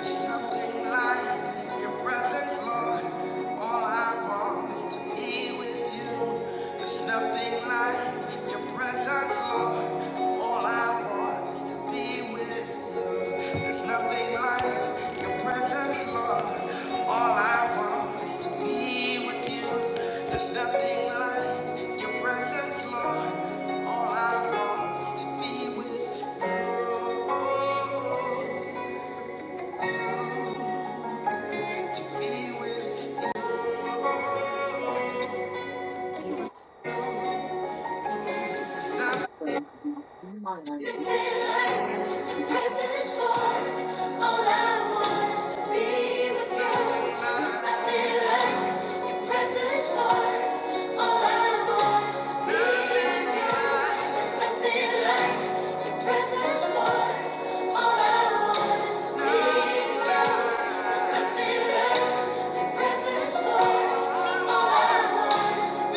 There's nothing like your presence, Lord. All I want is to be with you. There's nothing like your presence, Lord. All I want is to be with you. There's nothing like your presence, Lord. All I want is to be with you. There's nothing like your presence, Lord. All I want is to be with you. To be with you. Be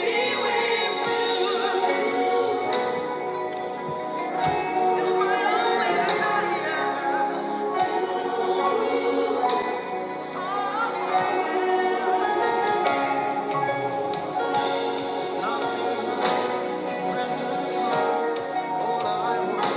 with you. It's my only desire. Nothing like your presence, Lord. All I want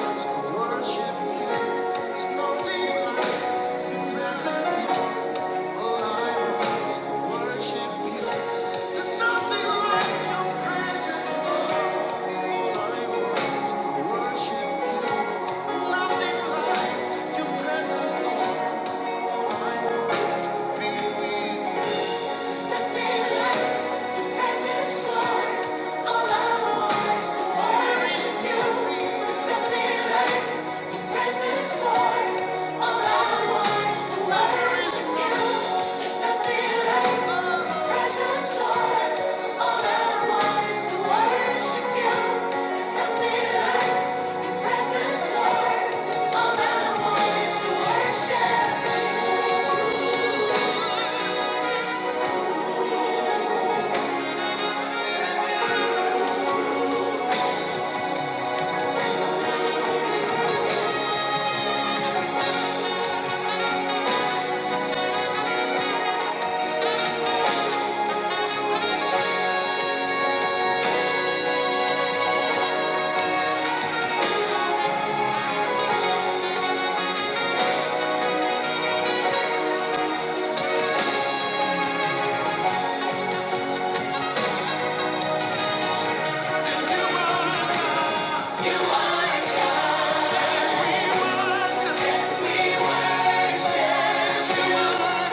is to be with you. Worship.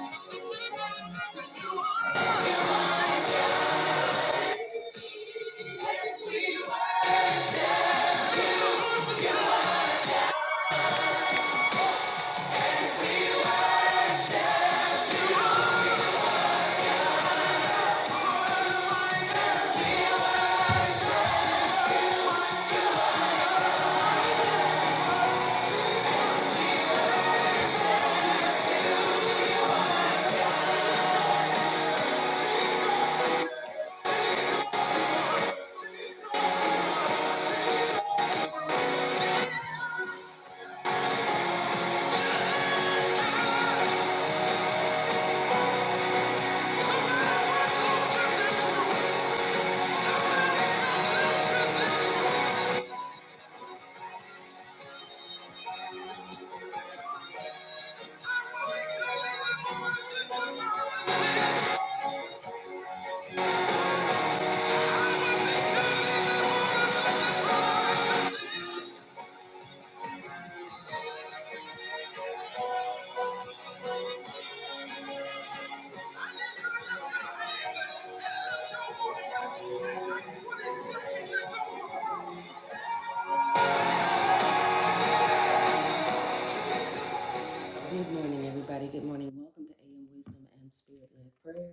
Good morning, everybody. Good morning. Welcome to AM Wisdom and Spirit Led Prayer.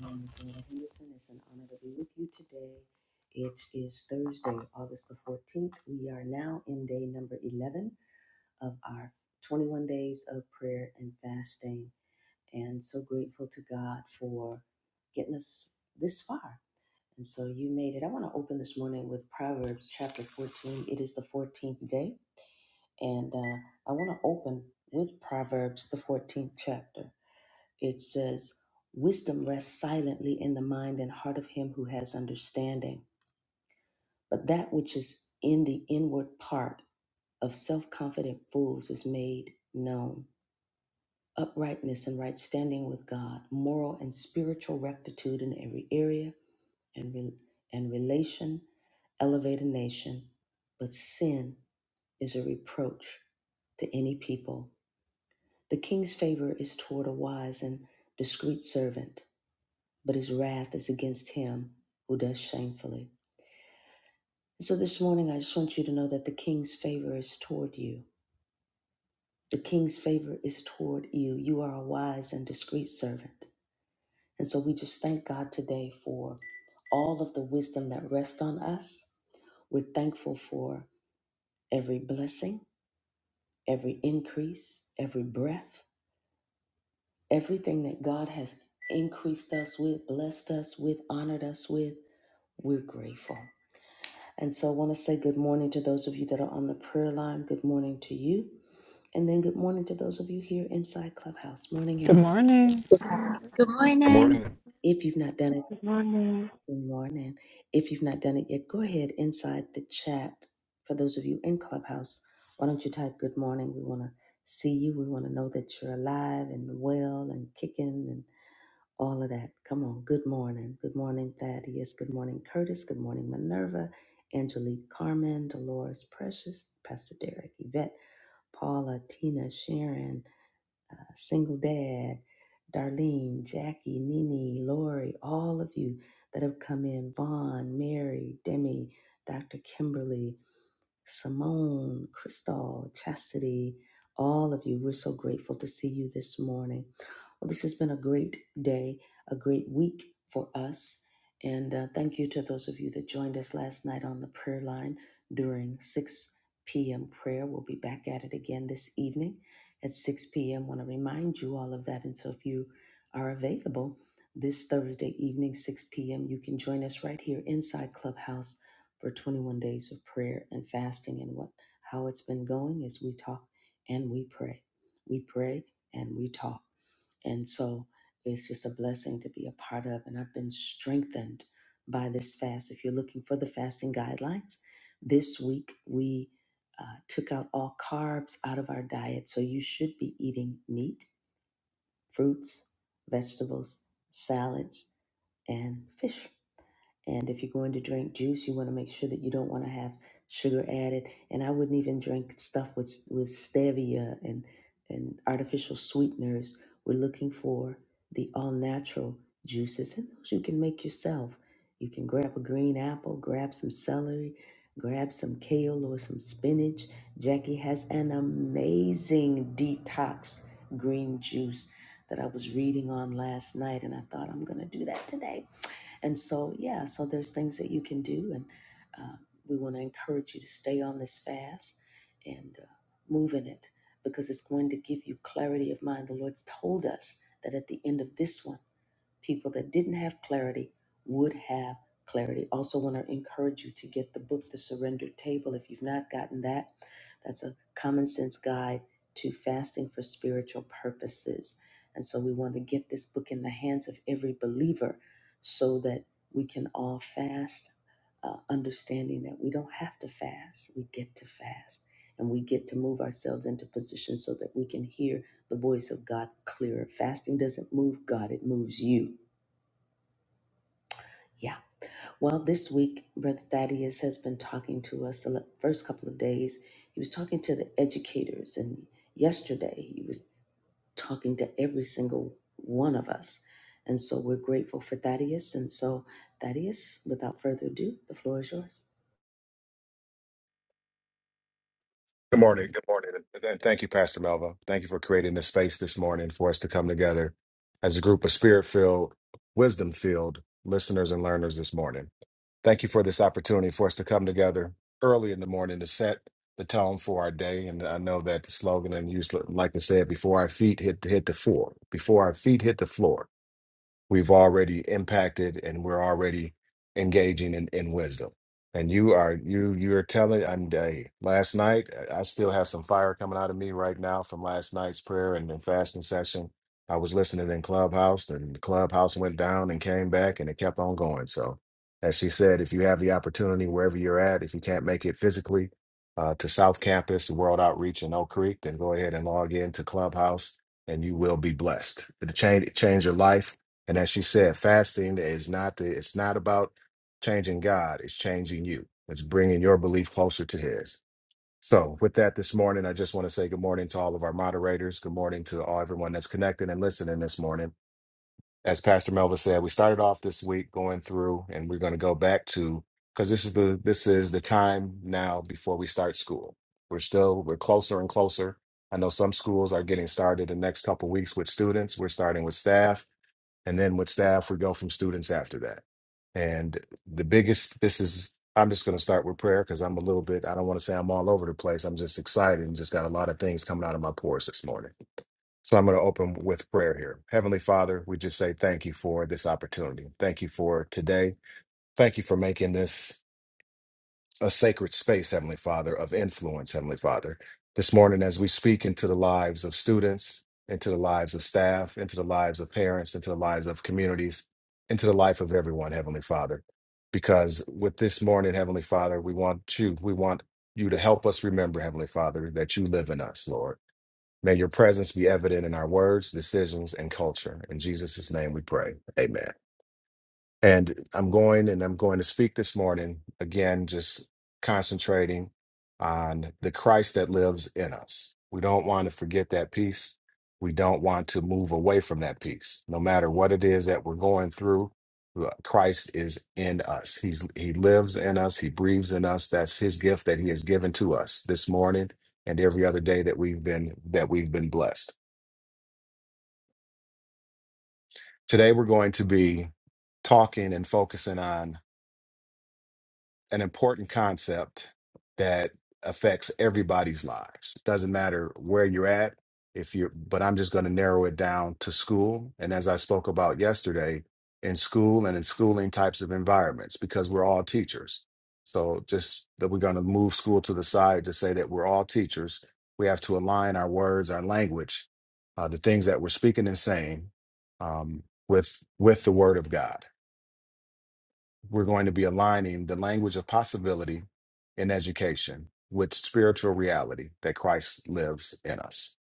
My name is Laura Henderson. It's an honor to be with you today. It is Thursday, August the 14th. We are now in day number 11 of our 21 days of prayer and fasting. and so grateful to God for getting us this far. And so you made it. I want to open this morning with Proverbs chapter 14. It is the 14th day, and uh, I want to open with Proverbs, the 14th chapter. It says, Wisdom rests silently in the mind and heart of him who has understanding, but that which is in the inward part of self confident fools is made known. uprightness and right standing with God, moral and spiritual rectitude in every area and, re- and relation elevate a nation, but sin is a reproach to any people. The king's favor is toward a wise and discreet servant, but his wrath is against him who does shamefully. And so this morning, I just want you to know that the king's favor is toward you. The king's favor is toward you. You are a wise and discreet servant. And so we just thank God today for all of the wisdom that rests on us. We're thankful for every blessing, every increase, every breath, everything that God has increased us with, blessed us with, honored us with. We're grateful. And so I want to say good morning to those of you that are on the prayer line. Good morning to you. And then good morning to those of you here inside Clubhouse. Morning, Good y'all. morning. Good Good morning. morning. If you've not done it, Good morning. Good morning. If you've not done it yet, go ahead inside the chat. For those of you in Clubhouse, why don't you type good morning? We want to see you. We want to know that you're alive and well and kicking and all of that. Come on. Good morning. Good morning, Thaddeus. Good morning, Curtis. Good morning, Minerva, Angelique, Carmen, Dolores, Precious, Pastor Derek, Yvette, Paula, Tina, Sharon single dad, Darlene, Jackie, Nene, Lori, all of you that have come in, Vaughn, Mary, Demi, Dr. Kimberly, Simone, Crystal, Chastity, all of you. We're so grateful to see you this morning. Well, this has been a great day, a great week for us. And uh, thank you to those of you that joined us last night on the prayer line during 6 p.m. prayer. We'll be back at it again this evening at 6 p.m. want to remind you all of that. And so if you are available this Thursday evening, 6 p.m., you can join us right here inside Clubhouse for 21 days of prayer and fasting and what how it's been going as we talk and we pray. We pray and we talk. And so it's just a blessing to be a part of. And I've been strengthened by this fast. If you're looking for the fasting guidelines, this week we uh, took out all carbs out of our diet. So you should be eating meat, fruits, vegetables, salads, and fish. And if you're going to drink juice, you want to make sure that you don't want to have sugar added. And I wouldn't even drink stuff with with stevia and and artificial sweeteners. We're looking for the all natural juices, and those you can make yourself. You can grab a green apple, grab some celery, grab some kale or some spinach. Jackie has an amazing detox green juice that I was reading on last night, and I thought I'm going to do that today and so, yeah, so there's things that you can do, and uh, we want to encourage you to stay on this fast and uh, move in it because it's going to give you clarity of mind. The Lord's told us that at the end of this one, people that didn't have clarity would have clarity. Also, want to encourage you to get the book, The Surrender Table. If you've not gotten that, that's a common sense guide to fasting for spiritual purposes. And so, we want to get this book in the hands of every believer so that we can all fast, uh, understanding that we don't have to fast, we get to fast. And we get to move ourselves into position so that we can hear the voice of God clearer. Fasting doesn't move God, it moves you. Yeah. Well, this week, Brother Thaddeus has been talking to us the first couple of days. He was talking to the educators, and yesterday he was talking to every single one of us. And so we're grateful for Thaddeus. And so, Thaddeus, without further ado, the floor is yours. Good morning. Good morning. And and thank you, Pastor Melva. Thank you for creating this space this morning for us to come together as a group of spirit filled, wisdom filled listeners and learners this morning. Thank you for this opportunity for us to come together early in the morning to set the tone for our day. And I know that the slogan, and you used to like to say it before our feet hit, hit the floor, before our feet hit the floor. we've already impacted and we're already engaging in, in wisdom. And you are you you are telling I'm day last night I I still have some fire coming out of me right now from last night's prayer and, and fasting session. I was listening in Clubhouse and the Clubhouse went down and came back and it kept on going. So as she said, if you have the opportunity wherever you're at, if you can't make it physically uh, to South Campus, World Outreach in Oak Creek, then go ahead and log in to Clubhouse and you will be blessed. It'll change, change your life and as she said, fasting is not the, it's not about changing God, it's changing you. It's bringing your belief closer to his. So, with that this morning, I just want to say good morning to all of our moderators. Good morning to all everyone that's connected and listening this morning. As Pastor Melva said, we started off this week going through and we're going to go back to because this is the this is the time now before we start school. We're still we're closer and closer. I know some schools are getting started the next couple weeks with students. We're starting with staff and then with staff we go from students after that and the biggest this is i'm just going to start with prayer because i'm a little bit i don't want to say i'm all over the place i'm just excited and just got a lot of things coming out of my pores this morning so i'm going to open with prayer here heavenly father we just say thank you for this opportunity thank you for today thank you for making this a sacred space, Heavenly Father, of influence, Heavenly Father. This morning, as we speak into the lives of students, into the lives of staff, into the lives of parents, into the lives of communities, into the life of everyone, Heavenly Father. Because with this morning, Heavenly Father, we want you, we want you to help us remember, Heavenly Father, that you live in us, Lord. May your presence be evident in our words, decisions, and culture. In Jesus' name we pray. Amen. And I'm going and I'm going to speak this morning again, just concentrating on the Christ that lives in us. We don't want to forget that piece. We don't want to move away from that piece. No matter what it is that we're going through, uh, Christ is in us. He's he lives in us, he breathes in us. That's his gift that he has given to us this morning and every other day that we've been that we've been blessed. Today we're going to be talking and focusing on an important concept that affects everybody's lives. Doesn't matter where you're at, if you're, but I'm just going to narrow it down to school. And as I spoke about yesterday, in school and in schooling types of environments, because we're all teachers. So just that we're going to move school to the side to say that we're all teachers. We have to align our words, our language, uh, the things that we're speaking and saying um, with with the Word of God we're going to be aligning the language of possibility in education with spiritual reality that Christ lives in us.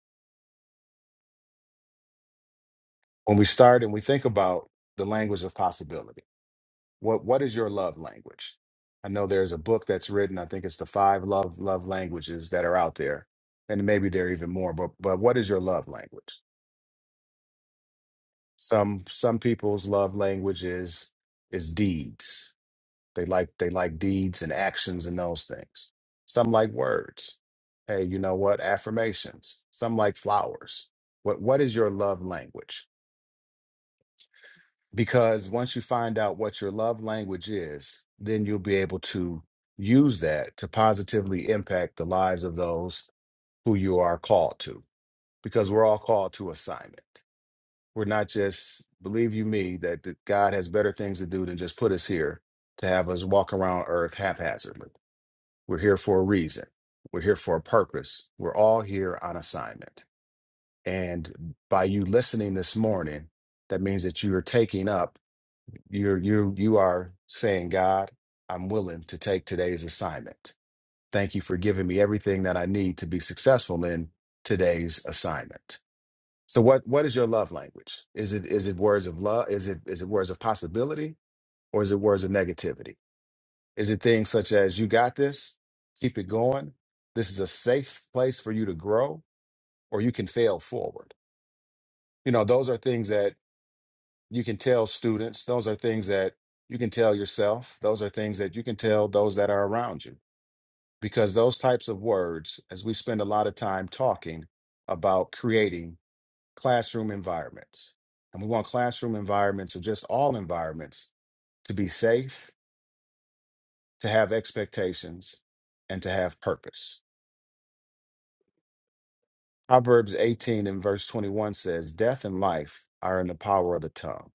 When we start and we think about the language of possibility, what what is your love language? I know there's a book that's written, I think it's the five love love languages that are out there. And maybe there are even more, but but what is your love language? Some some people's love language is is deeds They like they like deeds and actions and those things. Some like words. Hey, you know what? Affirmations. Some like flowers. What what is your love language? Because once you find out what your love language is, then you'll be able to use that to positively impact the lives of those who you are called to. Because we're all called to assignment. We're not just believe you me that that God has better things to do than just put us here to have us walk around earth haphazardly We're here for a reason. We're here for a purpose. We're all here on assignment. And by you listening this morning, that means that you are taking up, you're you you are saying, God, I'm willing to take today's assignment. Thank you for giving me everything that I need to be successful in today's assignment. So what what is your love language? Is it is it words of love? Is it is it words of possibility or is it words of negativity? Is it things such as you got this, keep it going, this is a safe place for you to grow, or you can fail forward? You know, those are things that you can tell students, those are things that you can tell yourself, those are things that you can tell those that are around you. Because those types of words, as we spend a lot of time talking about creating classroom environments, and we want classroom environments or just all environments to be safe, to have expectations, and to have purpose Proverbs 18 and verse 21 says, Death and life are in the power of the tongue.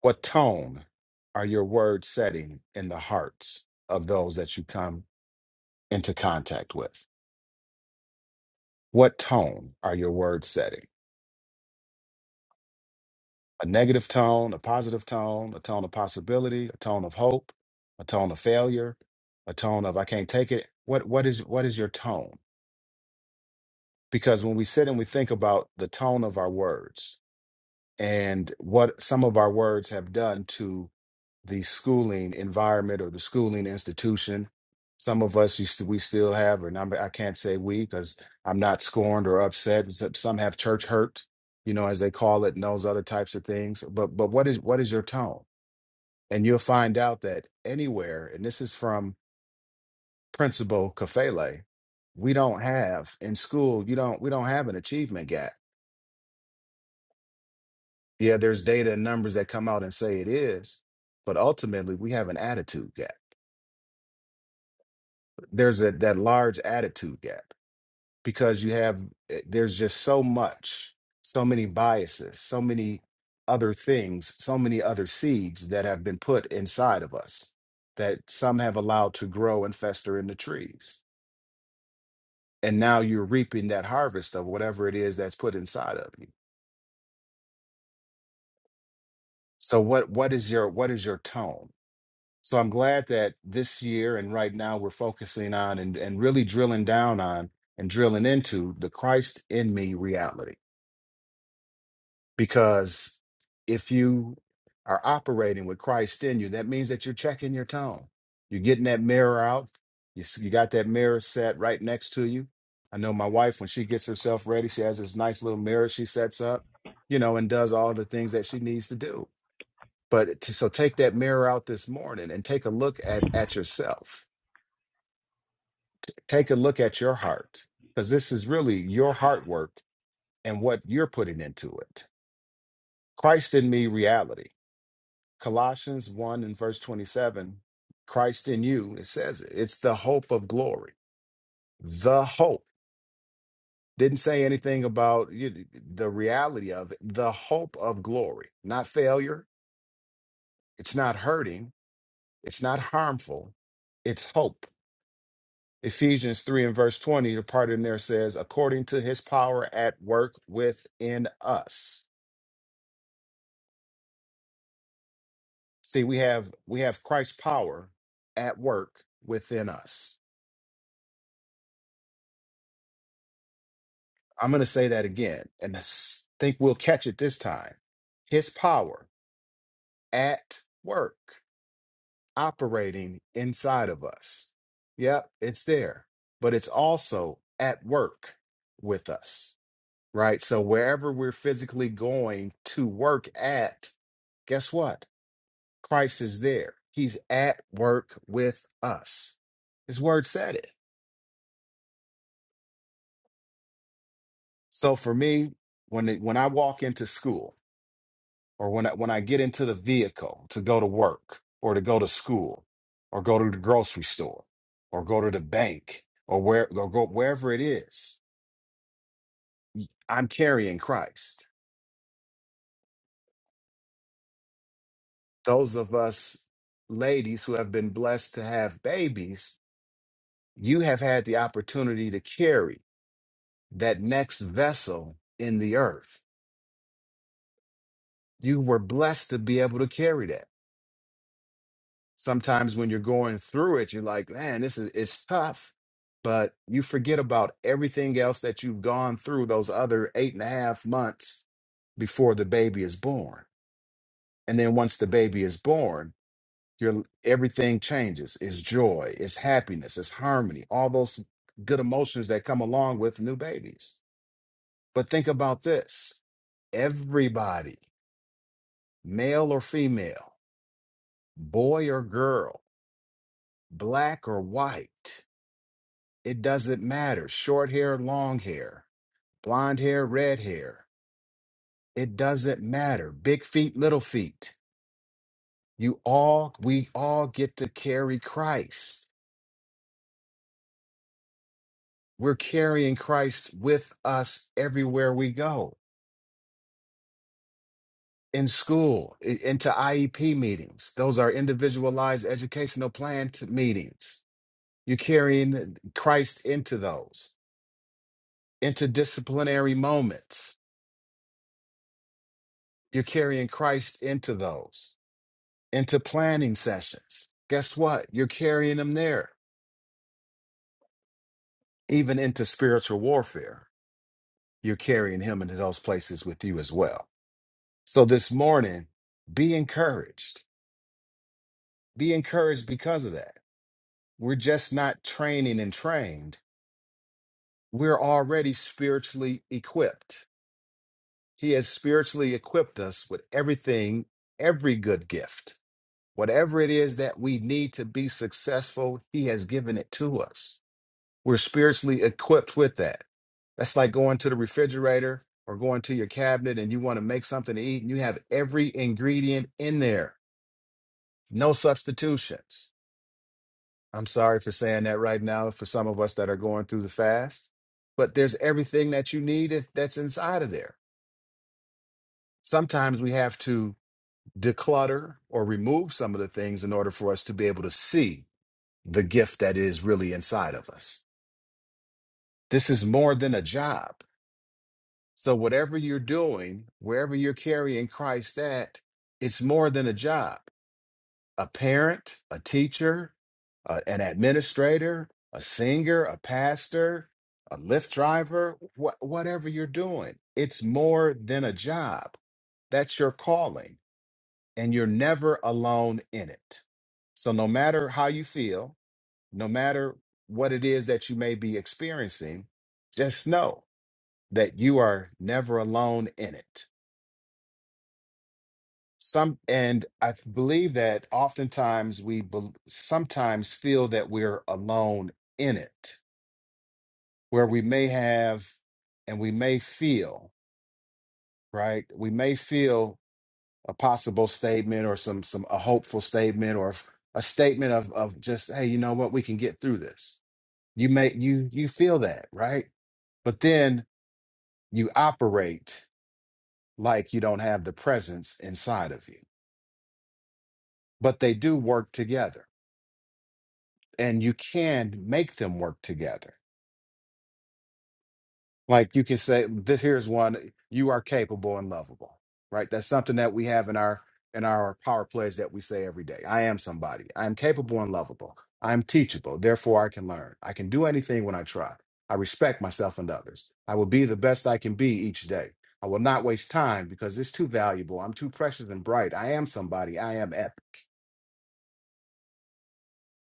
What tone are your words setting in the hearts of those that you come into contact with? What tone are your words setting? A negative tone, a positive tone, a tone of possibility, a tone of hope, a tone of failure, a tone of I can't take it. What what is what is your tone? Because when we sit and we think about the tone of our words, and what some of our words have done to the schooling environment or the schooling institution. Some of us used to, we still have, and I'm, I can't say we because I'm not scorned or upset. S- Some have church hurt, you know, as they call it, and those other types of things. But but what is what is your tone? And you'll find out that anywhere, and this is from Principal Kafele, we don't have in school. You don't we don't have an achievement gap Yeah, there's data and numbers that come out and say it is, but ultimately we have an attitude gap. There's a, that large attitude gap because you have, eh, there's just so much, so many biases, so many other things, so many other seeds that have been put inside of us that some have allowed to grow and fester in the trees. And now you're reaping that harvest of whatever it is that's put inside of you. So what what is your what is your tone? So I'm glad that this year and right now we're focusing on and, and really drilling down on and drilling into the Christ in me reality. Because if you are operating with Christ in you, that means that you're checking your tone. You're getting that mirror out. You, s- you got that mirror set right next to you. I know my wife, when she gets herself ready, she has this nice little mirror she sets up, you know, and does all the things that she needs to do. But to, so take that mirror out this morning and take a look at at yourself take a look at your heart because this is really your heart work and what you're putting into it. Christ in me, reality. Colossians 1 and verse 27, Christ in you, it says it. It's the hope of glory. The hope. Didn't say anything about you, the reality of it. The hope of glory, not failure. It's not hurting. It's not harmful. It's hope. Ephesians 3 and verse 20, the part in there says, according to his power at work within us. See, we have we have Christ's power at work within us. I'm going to say that again and I s- think we'll catch it this time. His power at work operating inside of us. Yep, it's there, but it's also at work with us. right? So wherever we're physically going to work at, guess what? Christ is there. He's at work with us. His word said it. So for me, when it, when I walk into school or when I, when I get into the vehicle to go to work or to go to school or go to the grocery store or go to the bank or where or go wherever it is, I'm carrying Christ. Those of us ladies who have been blessed to have babies, you have had the opportunity to carry that next vessel in the earth. You were blessed to be able to carry that. Sometimes when you're going through it, you're like, man, this is it's tough. But you forget about everything else that you've gone through those other eight and a half months before the baby is born. And then once the baby is born, your everything changes. It's joy, it's happiness, it's harmony, all those good emotions that come along with new babies But think about this everybody, male or female, boy or girl, black or white, it doesn't matter. Short hair, long hair, blonde hair, red hair, it doesn't matter. Big feet, little feet. You all, we all get to carry Christ. We're carrying Christ with us everywhere we go in school, i- into IEP meetings. Those are individualized educational plan t- meetings You're carrying Christ into those, interdisciplinary moments. You're carrying Christ into those, into planning sessions. Guess what? You're carrying him there, even into spiritual warfare. You're carrying him into those places with you as well. So this morning, be encouraged. Be encouraged because of that. We're just not training and trained. We're already spiritually equipped He has spiritually equipped us with everything, every good gift. Whatever it is that we need to be successful, He has given it to us. We're spiritually equipped with that. That's like going to the refrigerator or going to your cabinet and you want to make something to eat and you have every ingredient in there, no substitutions. I'm sorry for saying that right now for some of us that are going through the fast, but there's everything that you need is- that's inside of there. Sometimes we have to declutter or remove some of the things in order for us to be able to see the gift that is really inside of us. This is more than a job. So, whatever you're doing, wherever you're carrying Christ at, it's more than a job. A parent, a teacher, a- an administrator, a singer, a pastor, a Lyft driver, wha- whatever you're doing, it's more than a job. That's your calling and you're never alone in it. So, no matter how you feel, no matter what it is that you may be experiencing, just know that you are never alone in it. Some, and I believe that oftentimes we bel sometimes feel that we're alone in it, where we may have and we may feel, right? We may feel a possible statement or some some a hopeful statement or a statement of of just hey you know what we can get through this you may you you feel that right but then you operate like you don't have the presence inside of you but they do work together and you can make them work together Like you can say, this here's one, you are capable and lovable, right? That's something that we have in our in our power plays that we say every day. I am somebody. I am capable and lovable. I am teachable. Therefore, I can learn. I can do anything when I try. I respect myself and others. I will be the best I can be each day. I will not waste time because it's too valuable. I'm too precious and bright. I am somebody. I am epic.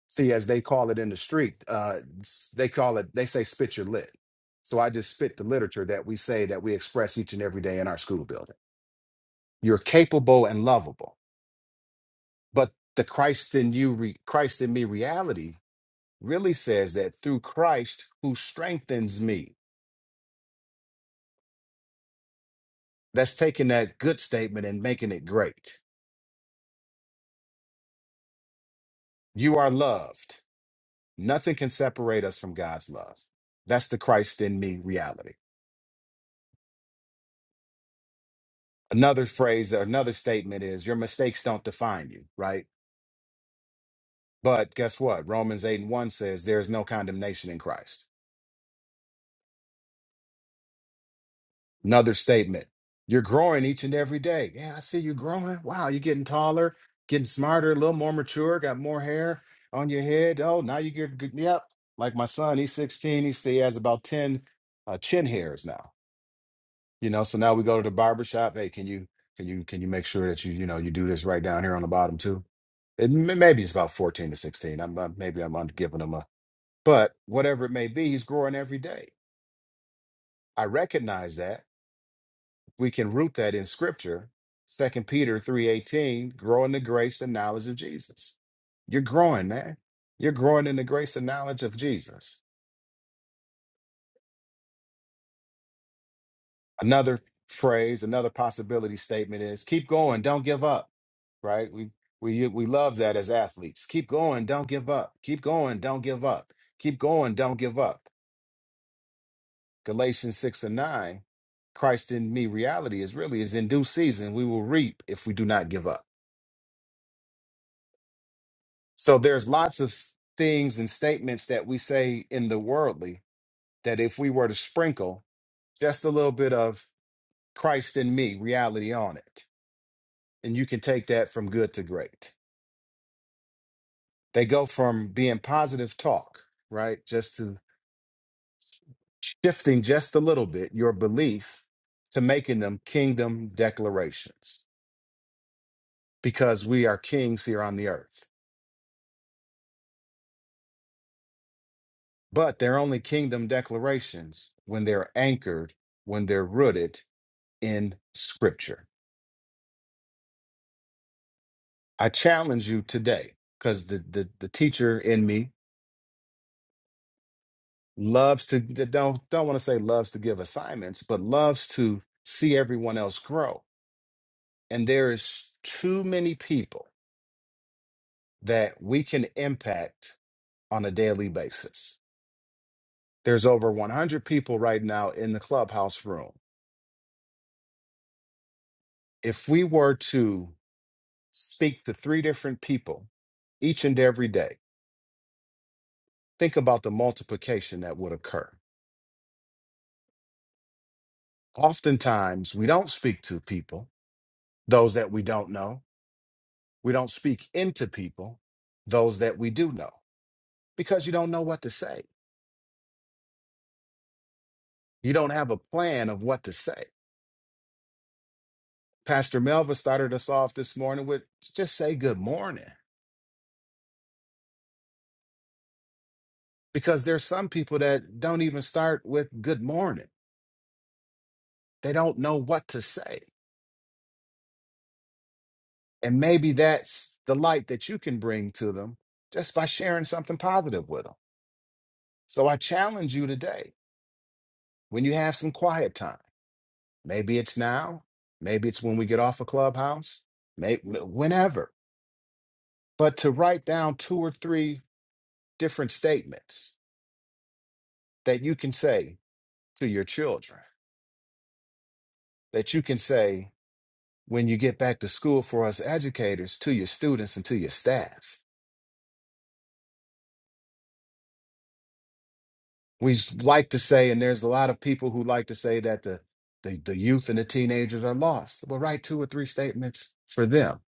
See, as they call it in the street, uh, s- they call it, they say spit your lit. So I just spit the literature that we say that we express each and every day in our school building. You're capable and lovable. But the Christ in you, re, Christ in me reality really says that through Christ who strengthens me. That's taking that good statement and making it great. You are loved. Nothing can separate us from God's love. That's the Christ in me reality. another phrase another statement is your mistakes don't define you right but guess what romans 8 and 1 says there is no condemnation in christ another statement you're growing each and every day yeah i see you growing wow you're getting taller getting smarter a little more mature got more hair on your head oh now you get good yep like my son he's 16 he's, he has about 10 uh, chin hairs now you know so now we go to the barber shop hey can you can you can you make sure that you you know you do this right down here on the bottom too It, m- maybe it's about 14 to 16. I'm uh, maybe I'm under giving him a, but whatever it may be, he's growing every day. I recognize that. We can root that in scripture. Second Peter 3:18, grow in the grace and knowledge of Jesus. You're growing, man. You're growing in the grace and knowledge of Jesus. Another phrase, another possibility statement is keep going, don't give up. Right? We we uh, we love that as athletes. Keep going, don't give up. Keep going, don't give up. Keep going, don't give up Galatians 6 and 9, Christ in me reality is really is in due season we will reap if we do not give up. So there's lots of s- things and statements that we say in the worldly that if we were to sprinkle just a little bit of Christ in me reality on it, and you can take that from good to great. They go from being positive talk, right, just to shifting just a little bit your belief to making them kingdom declarations. because we are kings here on the earth. But they're only kingdom declarations when they're anchored, when they're rooted in scripture. I challenge you today, because the, the the teacher in me loves to don't don't want to say loves to give assignments, but loves to see everyone else grow. And there is too many people that we can impact on a daily basis. There's over 100 people right now in the clubhouse room. If we were to speak to three different people each and every day, think about the multiplication that would occur. Oftentimes, we don't speak to people, those that we don't know. We don't speak into people, those that we do know, because you don't know what to say. You don't have a plan of what to say. Pastor Melva started us off this morning with just say good morning, because there's some people that don't even start with good morning. They don't know what to say. And maybe that's the light that you can bring to them just by sharing something positive with them. So I challenge you today when you have some quiet time. Maybe it's now, maybe it's when we get off a clubhouse, maybe whenever, but to write down two or three different statements that you can say to your children, that you can say when you get back to school for us educators, to your students and to your staff we like to say, and there's a lot of people who like to say that the the, the youth and the teenagers are lost. Well, write two or three statements for them,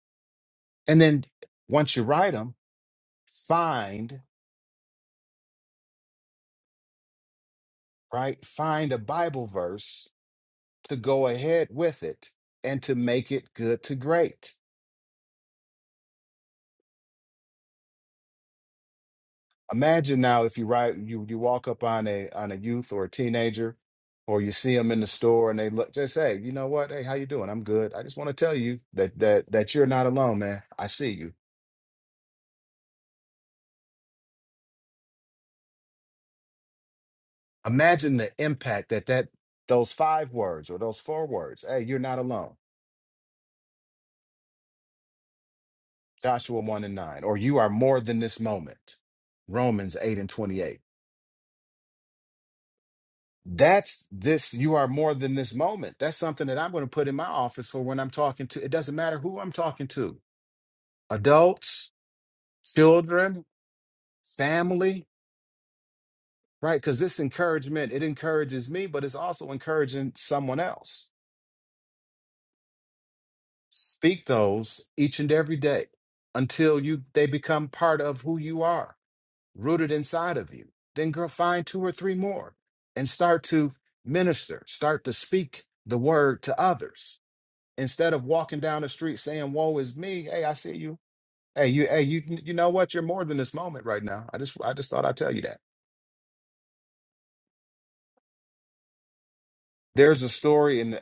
and then once you write them, find right, find a Bible verse to go ahead with it and to make it good to great. Imagine now if you write you you walk up on a on a youth or a teenager, or you see them in the store and they look just say, you know what, hey, how you doing? I'm good. I just want to tell you that that that you're not alone, man. I see you Imagine the impact that that those five words or those four words, hey, you're not alone. Joshua 1 and 9, or you are more than this moment. Romans 8 and 28. That's this, you are more than this moment. That's something that I'm going to put in my office for when I'm talking to. It doesn't matter who I'm talking to. Adults, children, family, right? Because this encouragement, it encourages me, but it's also encouraging someone else. Speak those each and every day until you they become part of who you are, rooted inside of you. Then go find two or three more and start to minister, start to speak the word to others. Instead of walking down the street saying, Woe is me, hey, I see you. Hey, you hey, you you know what? You're more than this moment right now. I just I just thought I'd tell you that. There's a story in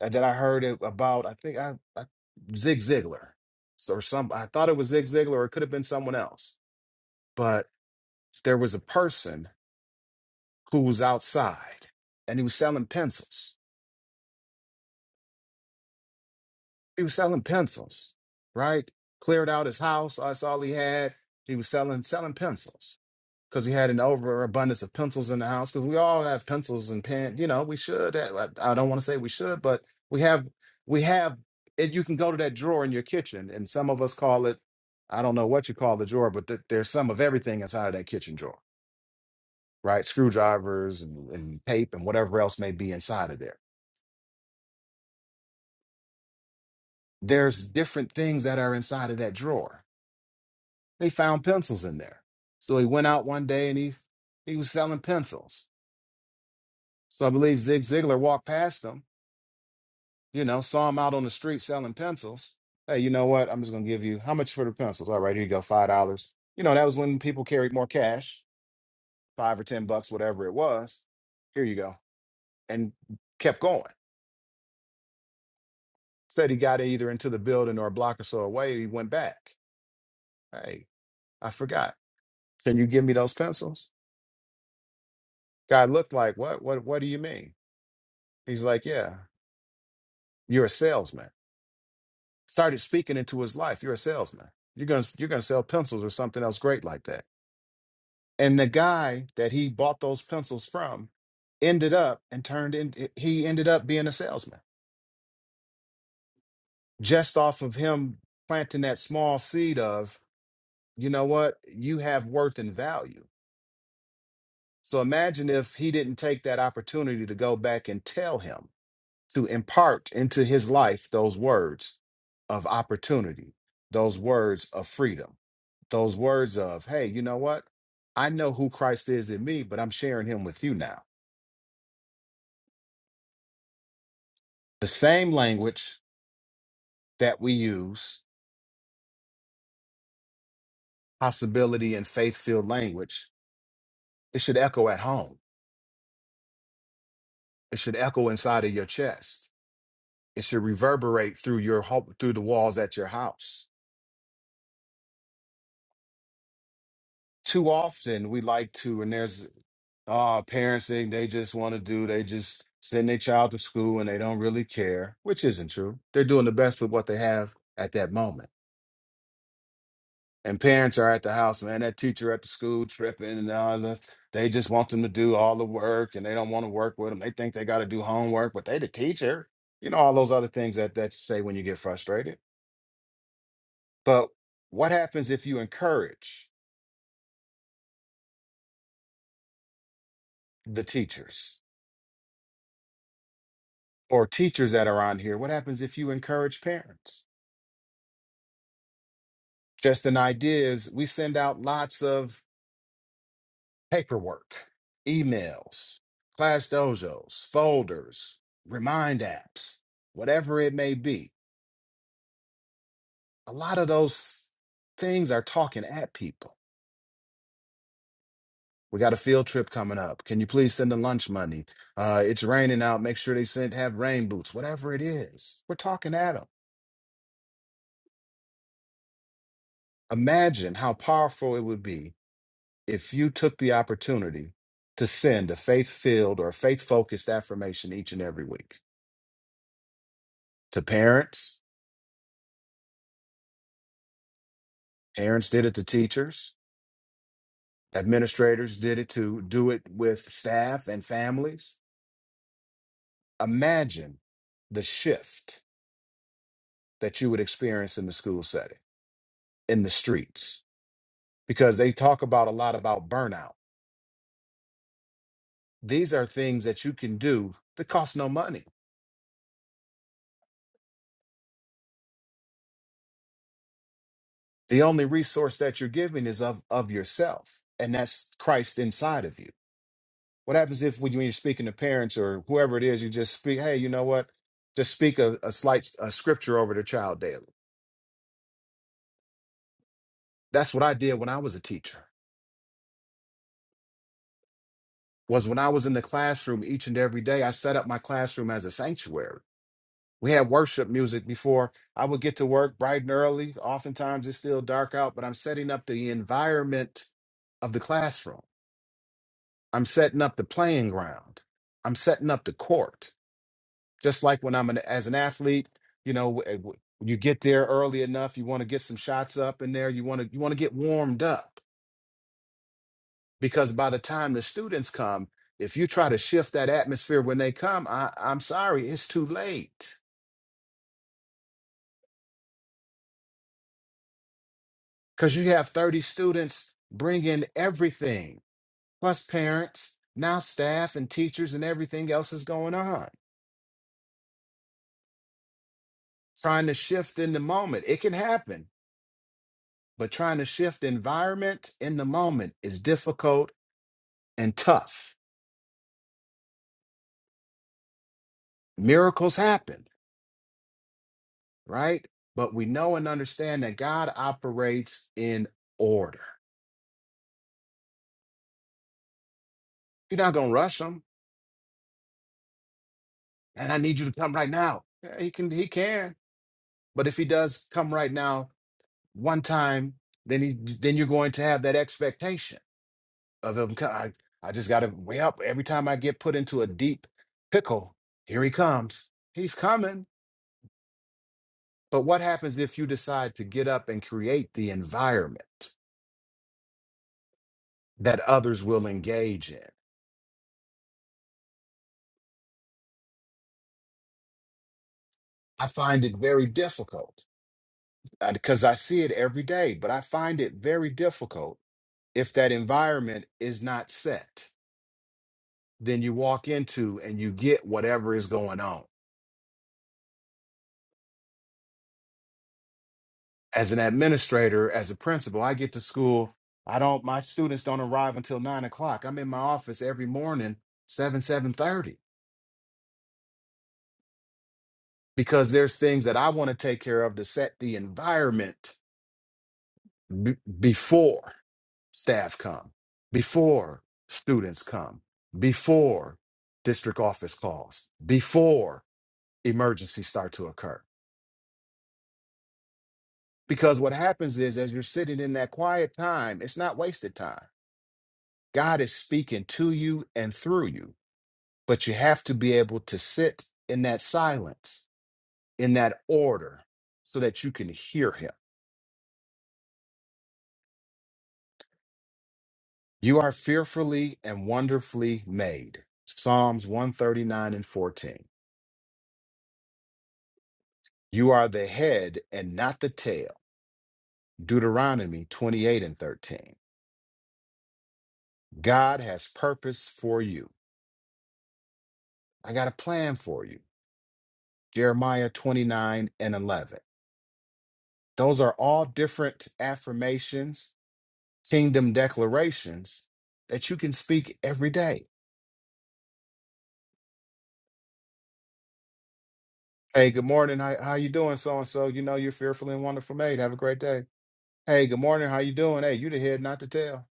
uh, that I heard about, I think I, I Zig Ziglar. So- or some I thought it was Zig Ziglar, or it could have been someone else but there was a person who was outside and he was selling pencils. He was selling pencils, right? Cleared out his house. That's all he had. He was selling selling pencils because he had an overabundance of pencils in the house. Because we all have pencils and pen. You know, we should. I, I don't want to say we should, but we have we have. And you can go to that drawer in your kitchen, and some of us call it. I don't know what you call the drawer, but th- there's some of everything inside of that kitchen drawer right? Screwdrivers and, and tape and whatever else may be inside of there. There's different things that are inside of that drawer. They found pencils in there. So he went out one day and he he was selling pencils. So I believe Zig Ziglar walked past him, you know, saw him out on the street selling pencils. Hey, you know what? I'm just gonna give you how much for the pencils? All right, here you go, five dollars. You know, that was when people carried more cash, five or ten bucks, whatever it was. Here you go. And kept going. Said he got either into the building or a block or so away. He went back. Hey, I forgot. Can you give me those pencils? Guy looked like, what? What? What do you mean? He's like, yeah, you're a salesman. Started speaking into his life. You're a salesman. You're gonna you're gonna sell pencils or something else great like that. And the guy that he bought those pencils from ended up and turned in. He ended up being a salesman just off of him planting that small seed of, you know what? You have worth and value So imagine if he didn't take that opportunity to go back and tell him to impart into his life those words of opportunity, those words of freedom, those words of, hey, you know what? I know who Christ is in me, but I'm sharing him with you now. The same language that we use, possibility and faith filled language, it should echo at home. It should echo inside of your chest. It should reverberate through your home, through the walls at your house too often we like to, and there's uh parenting, they just want to do, they just send their child to school and they don't really care, which isn't true. They're doing the best with what they have at that moment. And parents are at the house, man, that teacher at the school tripping and all the they just want them to do all the work and they don't want to work with them. They think they got to do homework, but they the teacher. You know, all those other things that, that you say when you get frustrated. But what happens if you encourage the teachers? or teachers that are on here. What happens if you encourage parents? Just an idea is we send out lots of paperwork, emails, class dojos, folders, remind apps, whatever it may be. A lot of those things are talking at people. We got a field trip coming up. Can you please send the lunch money? Uh, it's raining out. Make sure they send have rain boots. Whatever it is, we're talking at them. Imagine how powerful it would be if you took the opportunity to send a faith filled or faith focused affirmation each and every week to parents, parents did it to teachers, administrators did it to do it with staff and families. Imagine the shift that you would experience in the school setting, in the streets, because they talk about a lot about burnout. These are things that you can do that cost no money. The only resource that you're giving is of, of yourself, and that's Christ inside of you What happens if when you- when you're speaking to parents or whoever it is, you just speak, hey, you know what? Just speak a, a slight s- a scripture over the child daily. That's what I did when I was a teacher. Was when I was in the classroom each and every day, I set up my classroom as a sanctuary. We had worship music before I would get to work bright and early. Oftentimes it's still dark out, but I'm setting up the environment of the classroom. I'm setting up the playing ground. I'm setting up the court. just like when I'm an, as an athlete, you know, w- w- you get there early enough, you want to get some shots up in there, you want to you want to get warmed up because by the time the students come, if you try to shift that atmosphere when they come, I, I'm sorry, it's too late because you have 30 students bring in everything plus parents, now staff and teachers and everything else is going on. Trying to shift in the moment, it can happen, but trying to shift environment in the moment is difficult and tough. Miracles happen, right? But we know and understand that God operates in order. You're not gonna rush him. And I need you to come right now. Yeah, he can, he can. But if he does come right now one time, then he then you're going to have that expectation of him. co- I, I just gotta weigh up every time I get put into a deep pickle. Here he comes. He's coming. But what happens if you decide to get up and create the environment that others will engage in? I find it very difficult because I see it every day, but I find it very difficult if that environment is not set. Then you walk into and you get whatever is going on. As an administrator, as a principal, I get to school. I don't. My students don't arrive until nine o'clock. I'm in my office every morning, seven seven thirty, because there's things that I want to take care of to set the environment b- before. staff come, before students come, before district office calls, before emergencies start to occur. Because what happens is, as you're sitting in that quiet time, it's not wasted time. God is speaking to you and through you, but you have to be able to sit in that silence, in that order, so that you can hear Him. You are fearfully and wonderfully made. Psalms 139 and 14. You are the head and not the tail. Deuteronomy 28 and 13. God has purpose for you. I got a plan for you. Jeremiah 29 and 11. Those are all different affirmations, kingdom declarations that you can speak every day. Hey, good morning. How, how you doing, so and so? You know you're fearfully and wonderful made. Have a great day. Hey, good morning. How you doing? Hey, you the head, not the tail.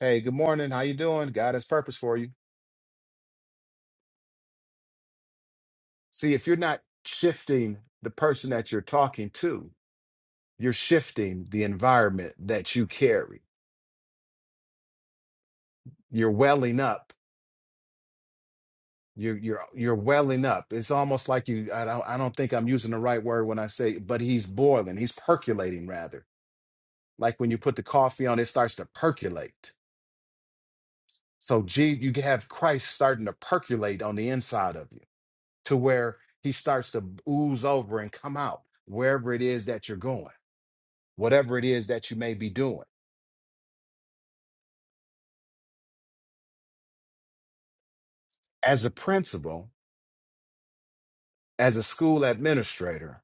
Hey, good morning. How you doing? God has purpose for you. See, if you're not shifting the person that you're talking to, you're shifting the environment that you carry. You're welling up. You're you're you're welling up. It's almost like you. I don't. I don't think I'm using the right word when I say, but he's boiling. He's percolating rather. Like when you put the coffee on, it starts to percolate. So, gee, you can have Christ starting to percolate on the inside of you to where he starts to ooze over and come out wherever it is that you're going, whatever it is that you may be doing as a principal, as a school administrator,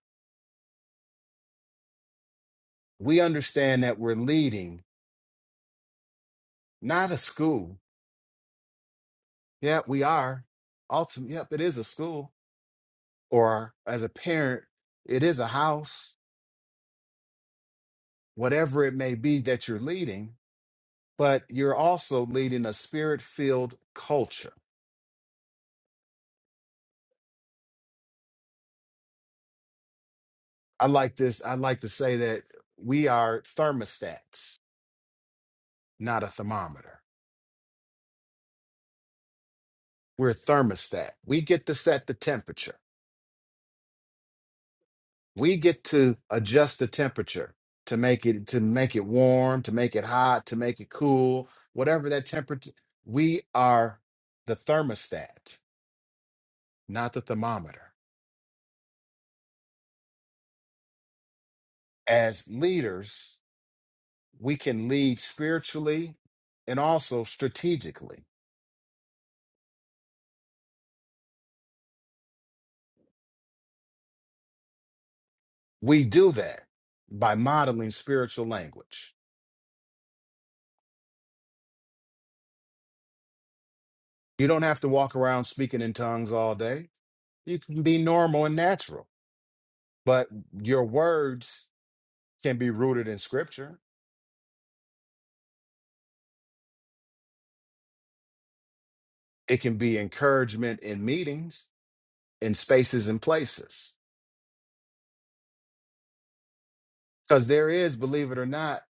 we understand that we're leading not a school. Yeah, we are. Ultimately, yep, it is a school. Or as a parent, it is a house, whatever it may be that you're leading, but you're also leading a spirit filled culture. I like this. I like to say that we are thermostats, not a thermometer. We're a thermostat. We get to set the temperature we get to adjust the temperature to make it to make it warm to make it hot to make it cool whatever that temperature we are the thermostat not the thermometer as leaders we can lead spiritually and also strategically we do that by modeling spiritual language you don't have to walk around speaking in tongues all day you can be normal and natural but your words can be rooted in scripture It can be encouragement in meetings, in spaces and places. Because there is, believe it or not,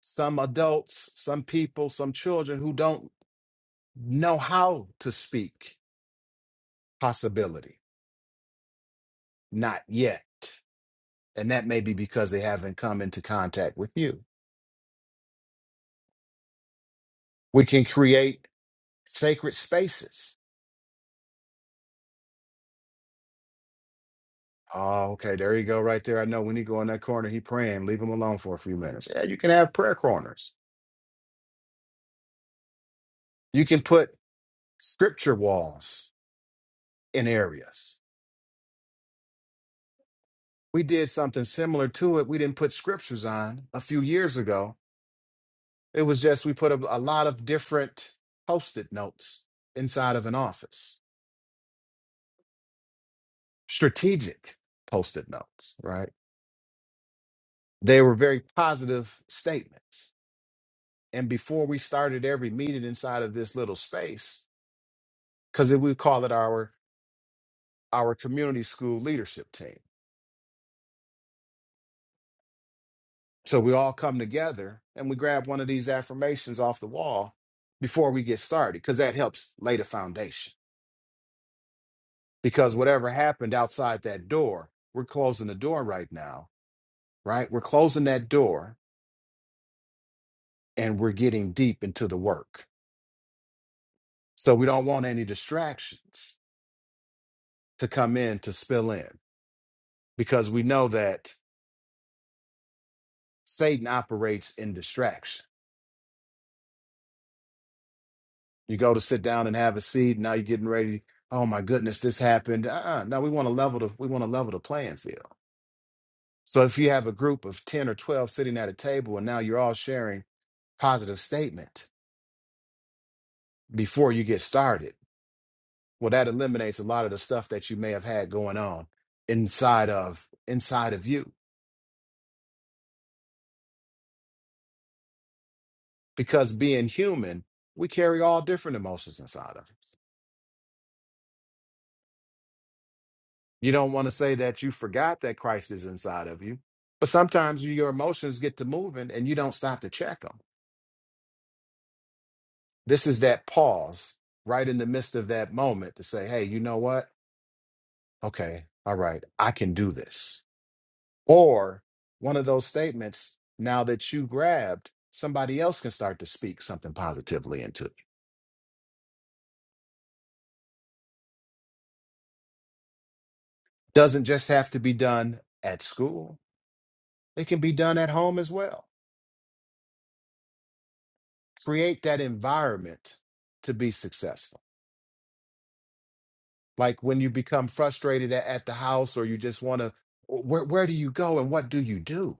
some adults, some people, some children who don't know how to speak possibility, not yet. And that may be because they haven't come into contact with you. We can create sacred spaces. Oh, okay. There you go, right there. I know when he go in that corner, he praying. Leave him alone for a few minutes. Yeah, you can have prayer corners. You can put scripture walls in areas we did something similar to it. We didn't put scriptures on a few years ago. It was just we put a, a lot of different post it notes inside of an office, strategic post it notes, right? They were very positive statements. And before we started every meeting inside of this little space, because we call it our our community school leadership team. So we all come together and we grab one of these affirmations off the wall before we get started, because that helps lay the foundation because whatever happened outside that door, we're closing the door right now, right? We're closing that door and we're getting deep into the work. So we don't want any distractions to come in to spill in because we know that Satan operates in distraction. You go to sit down and have a seat, now you're getting ready. Oh my goodness, this happened. Uh-uh. No, we want to level the we want to level the playing field. So if you have a group of 10 or 12 sitting at a table and now you're all sharing positive statement before you get started well that eliminates a lot of the stuff that you may have had going on inside of inside of you because being human we carry all different emotions inside of us you don't want to say that you forgot that christ is inside of you but sometimes your emotions get to moving and you don't stop to check them this is that pause right in the midst of that moment to say hey you know what okay all right i can do this Or one of those statements, now that you grabbed, somebody else can start to speak something positively into it. Doesn't just have to be done at school, it can be done at home as well. Create that environment to be successful. Like when you become frustrated a- at the house or you just want to, where, where do you go and what do you do?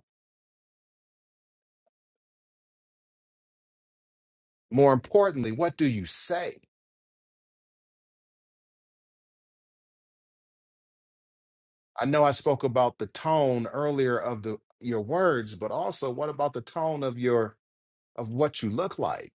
More importantly, what do you say? I know I spoke about the tone earlier of the your words, but also what about the tone of your of what you look like.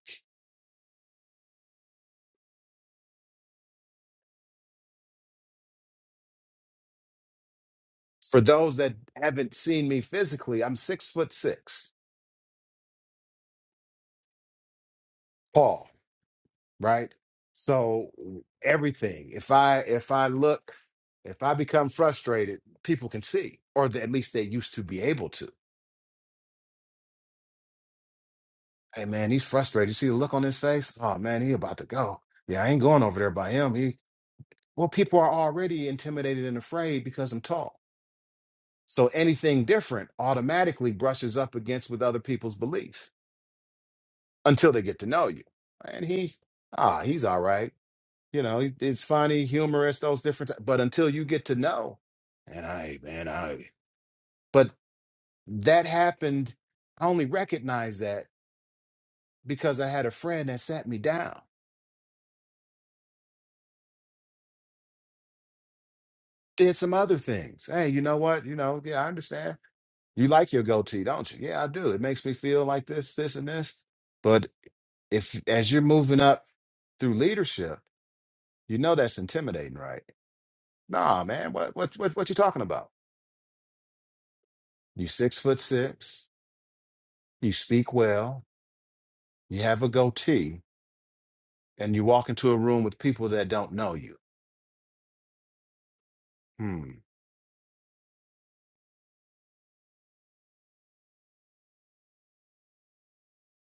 For those that haven't seen me physically, I'm six foot six, tall, right? So everything. If I if I look, if I become frustrated, people can see, or th- at least they used to be able to. Hey man, he's frustrated. You see the look on his face? Oh man, he about to go. Yeah, I ain't going over there by him. He well, people are already intimidated and afraid because I'm tall. So anything different automatically brushes up against with other people's beliefs. until they get to know you. And he, ah, he's all right. You know, he- it's funny, humorous, those different. But until you get to know, and I, man, I. But that happened. I only recognized that because I had a friend that sat me down, did some other things. Hey, you know what? You know, yeah, I understand. You like your goatee, don't you? Yeah, I do. It makes me feel like this, this, and this. But if as you're moving up through leadership, you know that's intimidating, right? Nah, man, what what what what you talking about? You are six foot six. You speak well. You have a goatee, and you walk into a room with people that don't know you. Hmm.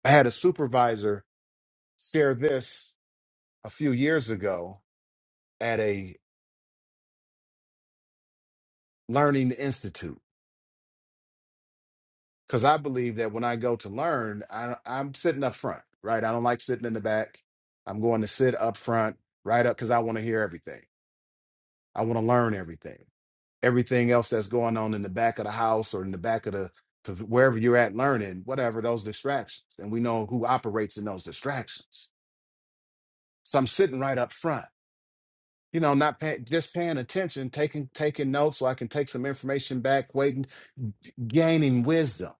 I had a supervisor share this a few years ago at a learning institute because I believe that when I go to learn, I, I'm sitting up front, right? I don't like sitting in the back. I'm going to sit up front, right up, because I want to hear everything. I want to learn everything. everything else that's going on in the back of the house or in the back of the of wherever you're at learning, whatever those distractions. And we know who operates in those distractions. So I'm sitting right up front, you know, not pay, just paying attention, taking taking notes so I can take some information back, waiting, gaining wisdom.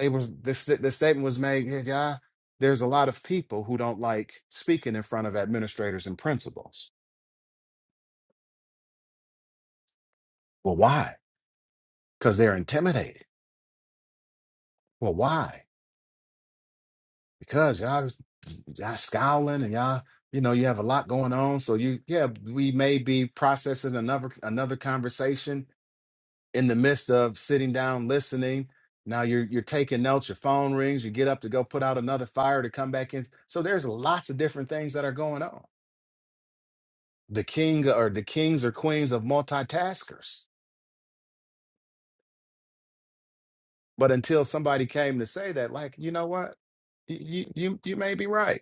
It was this the statement was made, yeah, yeah, there's a lot of people who don't like speaking in front of administrators and principals. Well, why? Because they're intimidated. Well, why? because y'all y'all scowling and y'all you know you have a lot going on so you yeah we may be processing another another conversation in the midst of sitting down listening now you're you're taking notes your phone rings you get up to go put out another fire to come back in so there's lots of different things that are going on the king or the kings or queens of multitaskers but until somebody came to say that like you know what you you you you may be right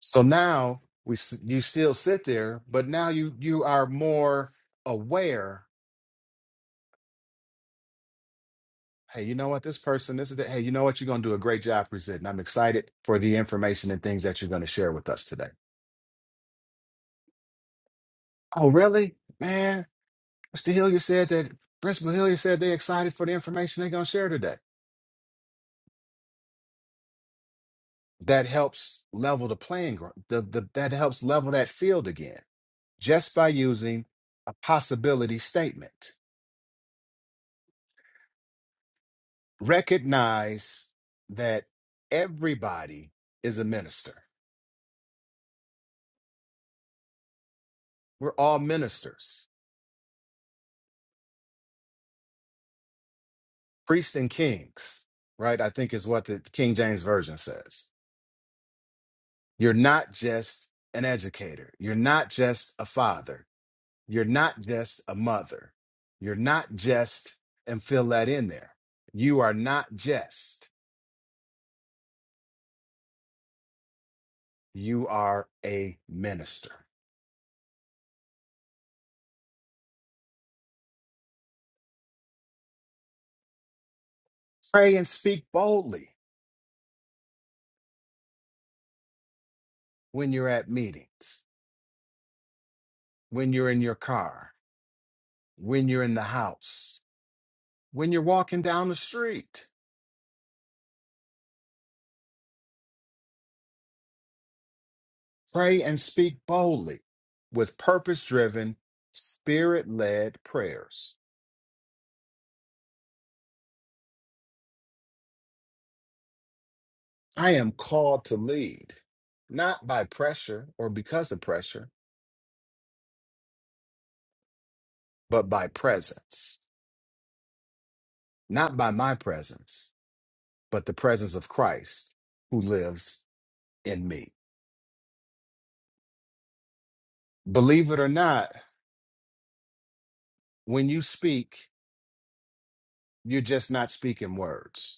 So now we s- you still sit there, but now you you are more aware. Hey, you know what? This person, this is that. Hey, you know what? You're gonna do a great job presenting. I'm excited for the information and things that you're gonna share with us today. Oh, really, man? Mr. Hillier said that. Principal Hillier said they're excited for the information they're gonna share today. That helps level the playing ground. The, the that helps level that field again just by using a possibility statement. recognize that everybody is a minister. We're all ministers, priests and kings, right? I think is what the King James Version says. You're not just an educator. You're not just a father. You're not just a mother. You're not just, and fill that in there. You are not just, you are a minister. Pray and speak boldly when you're at meetings, when you're in your car, when you're in the house, when you're walking down the street. Pray and speak boldly with purpose driven, spirit led prayers. I am called to lead, not by pressure or because of pressure, but by presence, not by my presence, but the presence of Christ who lives in me. Believe it or not, when you speak, you're just not speaking words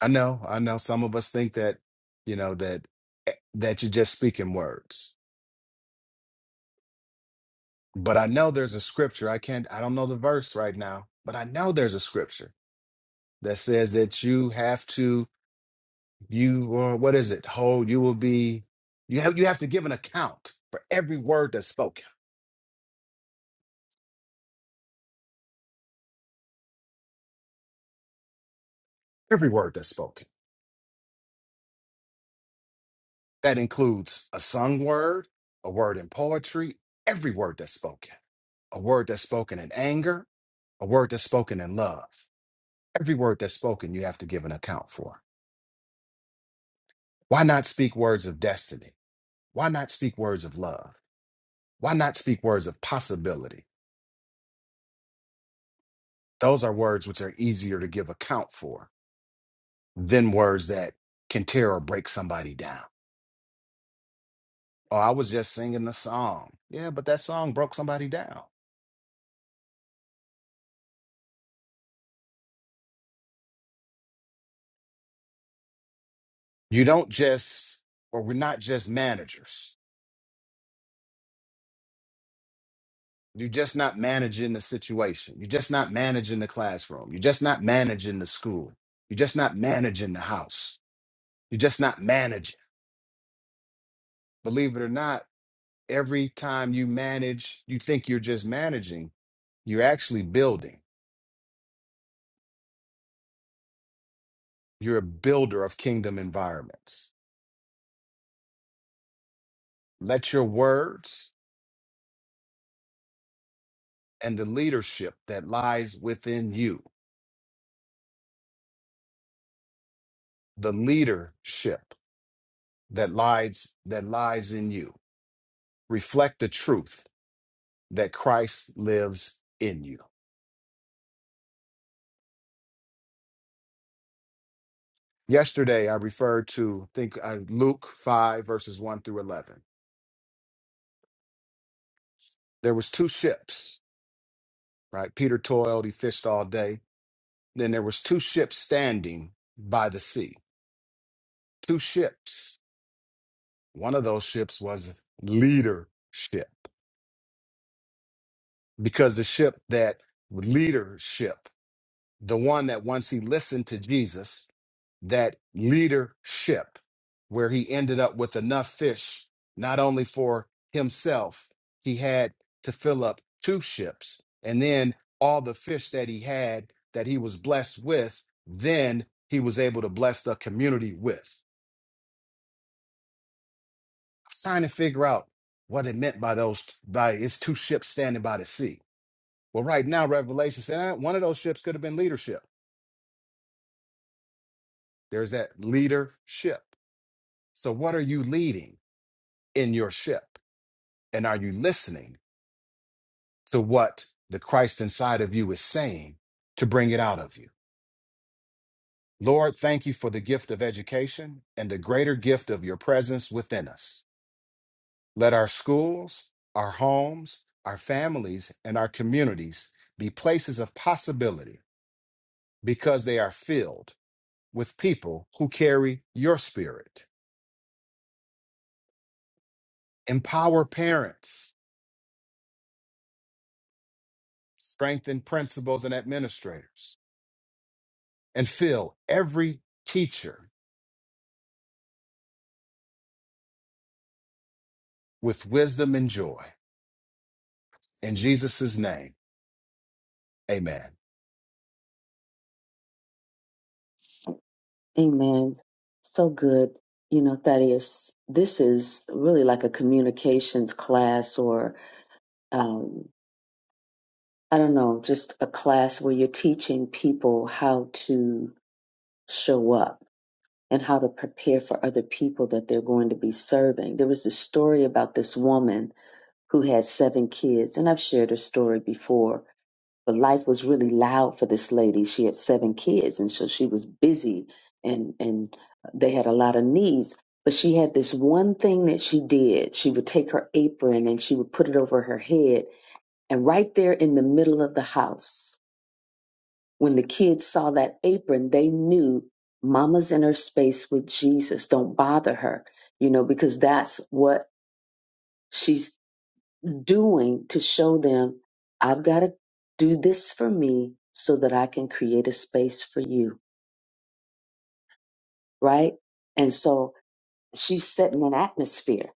I know, I know some of us think that, you know, that eh, that you're just speaking words. But I know there's a scripture. I can't I don't know the verse right now, but I know there's a scripture that says that you have to you or what is it? Hold, you will be you have you have to give an account for every word that's spoken. Every word that's spoken. That includes a sung word, a word in poetry, every word that's spoken. A word that's spoken in anger, a word that's spoken in love. Every word that's spoken, you have to give an account for. Why not speak words of destiny? Why not speak words of love? Why not speak words of possibility? Those are words which are easier to give account for than words that can tear or break somebody down. Oh, I was just singing the song. Yeah, but that song broke somebody down. You don't just, or we're not just managers. You're just not managing the situation. You're just not managing the classroom. You're just not managing the school. You're just not managing the house You're just not managing. Believe it or not, every time you manage, you think you're just managing. You're actually building. You're a builder of kingdom environments. Let your words and the leadership that lies within you, the leadership that lies that lies in you, reflect the truth that Christ lives in you. Yesterday I referred to I think uh, Luke 5 verses 1 through 11. There was two ships right? Peter toiled, he fished all day. Then there was two ships standing by the sea. Two ships. One of those ships was leadership because the ship that leadership the one that once he listened to Jesus, that leadership, where he ended up with enough fish, not only for himself, he had to fill up two ships. And then all the fish that he had that he was blessed with, then he was able to bless the community with. I was trying to figure out what it meant by those by it's two ships standing by the sea. Well, right now, Revelation said eh, one of those ships could have been leadership. There's that leadership. So, what are you leading in your ship? And are you listening to what the Christ inside of you is saying to bring it out of you? Lord, thank you for the gift of education and the greater gift of your presence within us. Let our schools, our homes, our families, and our communities be places of possibility because they are filled with people who carry your spirit. Empower parents, strengthen principals and administrators and fill every teacher with wisdom and joy. In Jesus' name, amen. Amen. So good. You know, Thaddeus, this is really like a communications class or um, I don't know, just a class where you're teaching people how to show up and how to prepare for other people that they're going to be serving. There was this story about this woman who had seven kids, and I've shared her story before, but life was really loud for this lady. She had seven kids, and so she was busy and, and they had a lot of needs. But she had this one thing that she did. She would take her apron and she would put it over her head, and right there in the middle of the house, when the kids saw that apron, they knew mama's in her space with Jesus. Don't bother her, you know, because that's what she's doing to show them I've got to do this for me so that I can create a space for you, right? And so she's setting an atmosphere.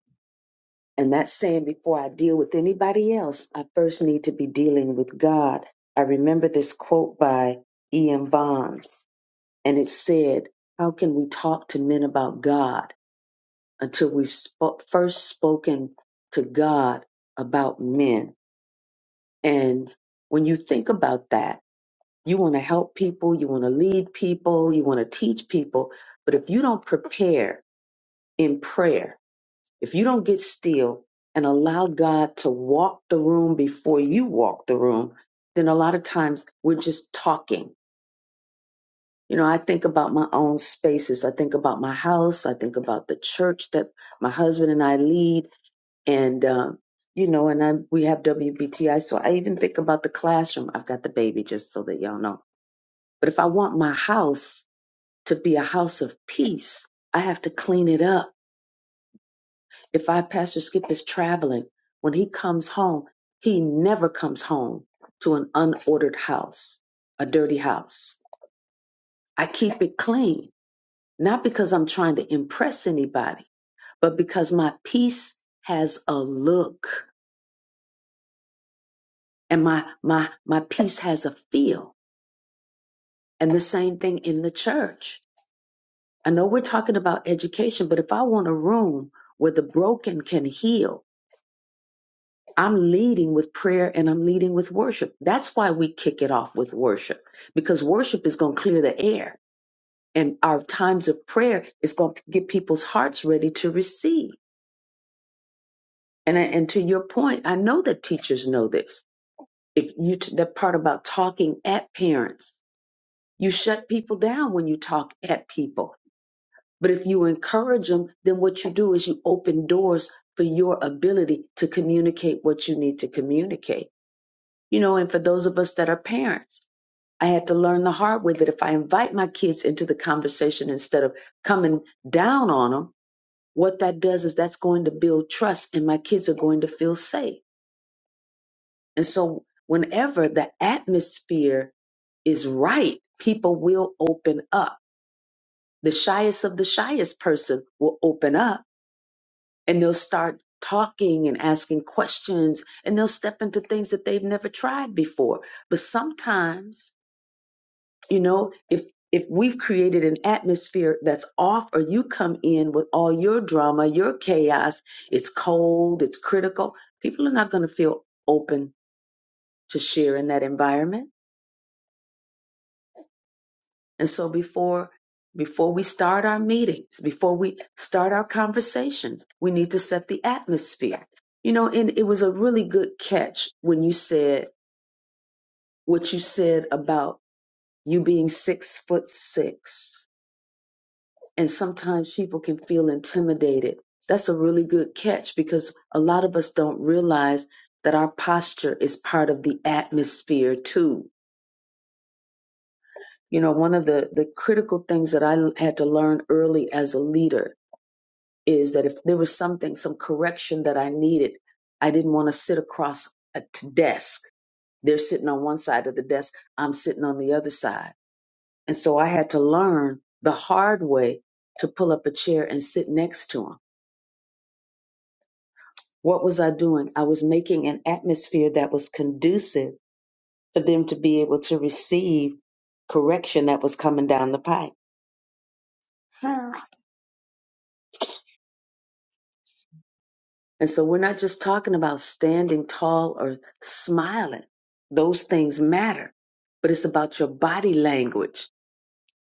And that's saying before I deal with anybody else, I first need to be dealing with God. I remember this quote by Ian Bonds and it said, How can we talk to men about God until we've spo- first spoken to God about men? And when you think about that, you want to help people, you want to lead people, you want to teach people. But if you don't prepare in prayer, if you don't get still and allow God to walk the room before you walk the room, then a lot of times we're just talking You know, I think about my own spaces. I think about my house. I think about the church that my husband and I lead, and um, you know, and I, we have WBTI. So I even think about the classroom. I've got the baby, just so that y'all know. But if I want my house to be a house of peace, I have to clean it up. If I Pastor Skip is traveling, when he comes home, he never comes home to an unordered house, a dirty house. I keep it clean not because I'm trying to impress anybody, but because my piece has a look and my my my piece has a feel. And the same thing in the church. I know we're talking about education, but if I want a room where the broken can heal, I'm leading with prayer and I'm leading with worship. That's why we kick it off with worship because worship is going to clear the air and our times of prayer is going to get people's hearts ready to receive. And I, and to your point, I know that teachers know this. If you t- that part about talking at parents, you shut people down when you talk at people. But if you encourage them, then what you do is you open doors for your ability to communicate what you need to communicate. You know, and for those of us that are parents, I had to learn the hard way that if I invite my kids into the conversation instead of coming down on them, what that does is that's going to build trust and my kids are going to feel safe And so, whenever the atmosphere is right, people will open up. The shyest of the shyest person will open up and they'll start talking and asking questions and they'll step into things that they've never tried before. But sometimes, you know, if if we've created an atmosphere that's off or you come in with all your drama, your chaos, it's cold, it's critical, people are not going to feel open to share in that environment And so before before we start our meetings, before we start our conversations, we need to set the atmosphere. You know, and it was a really good catch when you said what you said about you being six foot six. And sometimes people can feel intimidated. That's a really good catch because a lot of us don't realize that our posture is part of the atmosphere too. You know, one of the, the critical things that I had to learn early as a leader is that if there was something, some correction that I needed, I didn't want to sit across a t- desk. They're sitting on one side of the desk, I'm sitting on the other side. And so I had to learn the hard way to pull up a chair and sit next to them. What was I doing? I was making an atmosphere that was conducive for them to be able to receive correction that was coming down the pipe. And so we're not just talking about standing tall or smiling. Those things matter. But it's about your body language,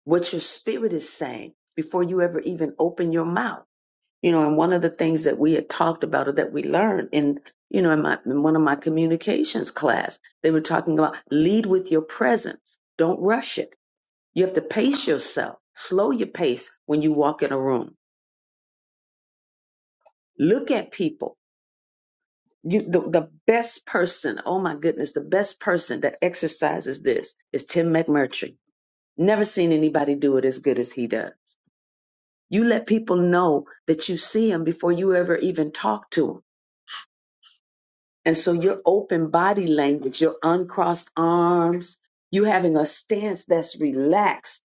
what your spirit is saying before you ever even open your mouth. You know, and one of the things that we had talked about or that we learned in, you know, in, my, in one of my communications class, they were talking about lead with your presence. Don't rush it. You have to pace yourself. Slow your pace when you walk in a room. Look at people You, the, the best person, oh my goodness, the best person that exercises this is Tim McMurtry. Never seen anybody do it as good as he does. You let people know that you see him before you ever even talk to him. And so your open body language, your uncrossed arms, you having a stance that's relaxed,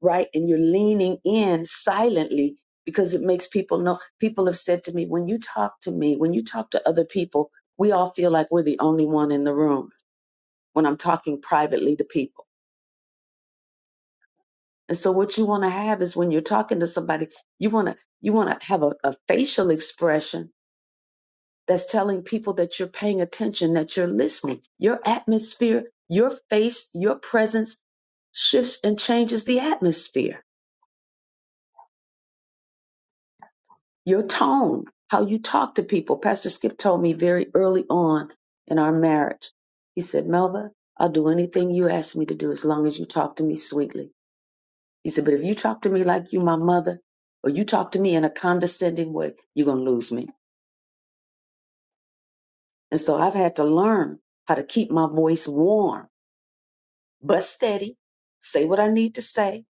right? And you're leaning in silently because it makes people know. People have said to me, when you talk to me, when you talk to other people, we all feel like we're the only one in the room when I'm talking privately to people. And so what you want to have is when you're talking to somebody, you want to you want to have a, a facial expression that's telling people that you're paying attention, that you're listening. Your atmosphere, your face, your presence shifts and changes the atmosphere. Your tone, how you talk to people. Pastor Skip told me very early on in our marriage. He said, "Melva, I'll do anything you ask me to do as long as you talk to me sweetly." He said, But if you talk to me like you my mother, or you talk to me in a condescending way, you're gonna lose me. And so I've had to learn how to keep my voice warm but steady, say what I need to say,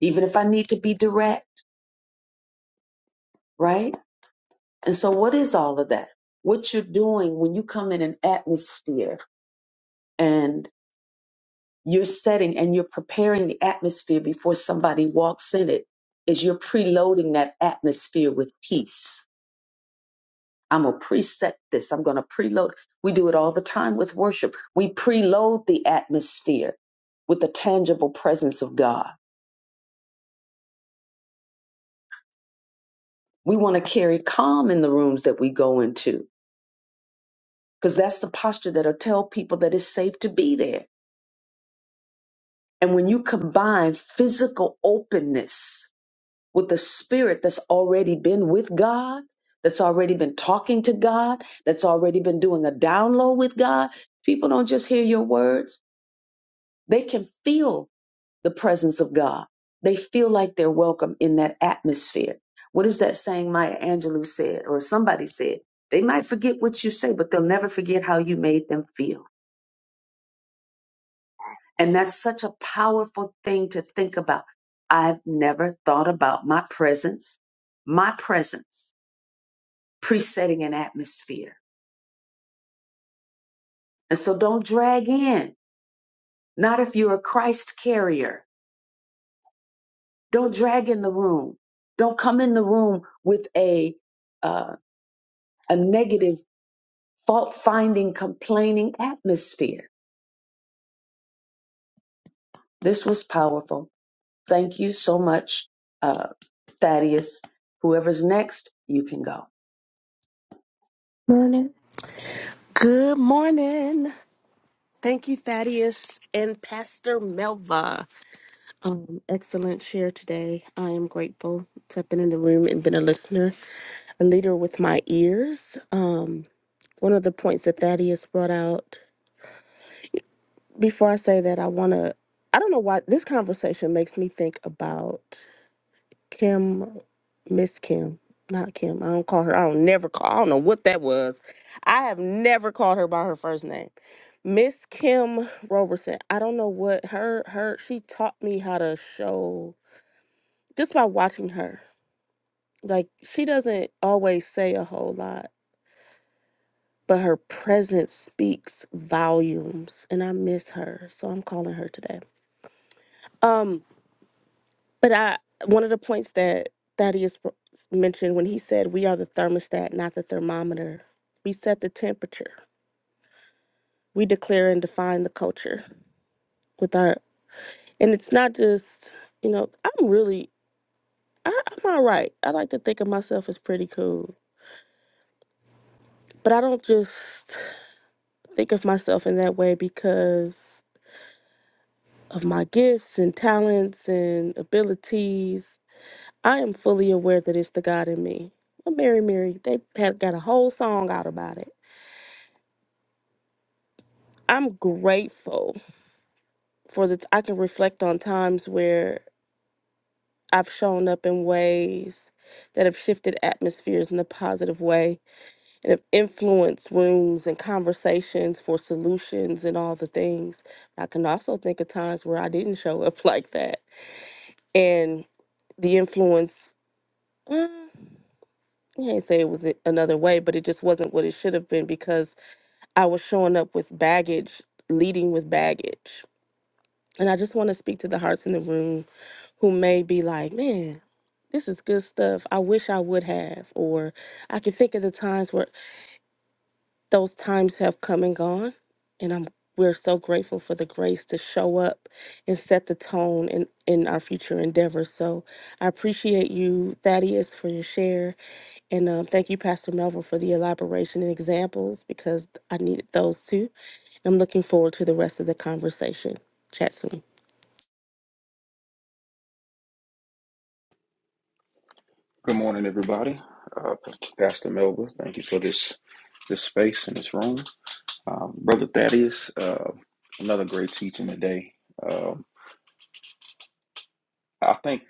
even if I need to be direct, right? And so what is all of that? What you're doing when you come in an atmosphere and you're setting and you're preparing the atmosphere before somebody walks in it is you're preloading that atmosphere with peace I'm going to preset this. I'm going to preload. We do it all the time with worship. We preload the atmosphere with the tangible presence of God. We want to carry calm in the rooms that we go into because that's the posture that'll tell people that it's safe to be there. And when you combine physical openness with the spirit that's already been with God, that's already been talking to God, that's already been doing a download with God, people don't just hear your words, they can feel the presence of God. They feel like they're welcome in that atmosphere. What is that saying Maya Angelou said or somebody said? They might forget what you say, but they'll never forget how you made them feel. And that's such a powerful thing to think about. I've never thought about my presence, my presence, presetting an atmosphere. And so don't drag in, not if you're a Christ carrier. Don't drag in the room. Don't come in the room with a uh, a negative fault finding, complaining atmosphere. This was powerful. Thank you so much, uh, Thaddeus. Whoever's next, you can go. Morning. Good morning. Thank you, Thaddeus and Pastor Melva. Um, excellent share today. I am grateful to have been in the room and been a listener, a leader with my ears. Um, one of the points that Thaddeus brought out. Before I say that, I want to. I don't know why this conversation makes me think about. Kim, Miss Kim, not Kim. I don't call her. I don't never call. I don't know what that was. I have never called her by her first name. Miss Kim Robertson. I don't know what her her she taught me how to show just by watching her. Like she doesn't always say a whole lot, but her presence speaks volumes and I miss her. So I'm calling her today. Um. But I one of the points that Thaddeus br- mentioned when he said, "We are the thermostat, not the thermometer. We set the temperature. We declare and define the culture with our." And it's not just you know I'm really I, I'm all right. I like to think of myself as pretty cool, but I don't just think of myself in that way because of my gifts and talents and abilities. I am fully aware that it's the God in me. Well, Mary, Mary, they had got a whole song out about it I'm grateful for the t- I can reflect on times where I've shown up in ways that have shifted atmospheres in a positive way and have influenced rooms and conversations for solutions and all the things. I can also think of times where I didn't show up like that and the influence. mm, I can't say it was a- another way, but it just wasn't what it should have been because I was showing up with baggage, leading with baggage. And I just want to speak to the hearts in the room who may be like, man, this is good stuff. I wish I would have. Or I can think of the times where those times have come and gone. And I'm we're so grateful for the grace to show up and set the tone in, in our future endeavors. So I appreciate you, Thaddeus, for your share. And um, thank you, Pastor Melville, for the elaboration and examples because I needed those too. And I'm looking forward to the rest of the conversation. Chat soon. Good morning, everybody. Uh, Pastor Melba, thank you for this this space and this room. Um, Brother Thaddeus, uh, another great teaching today. Um, I think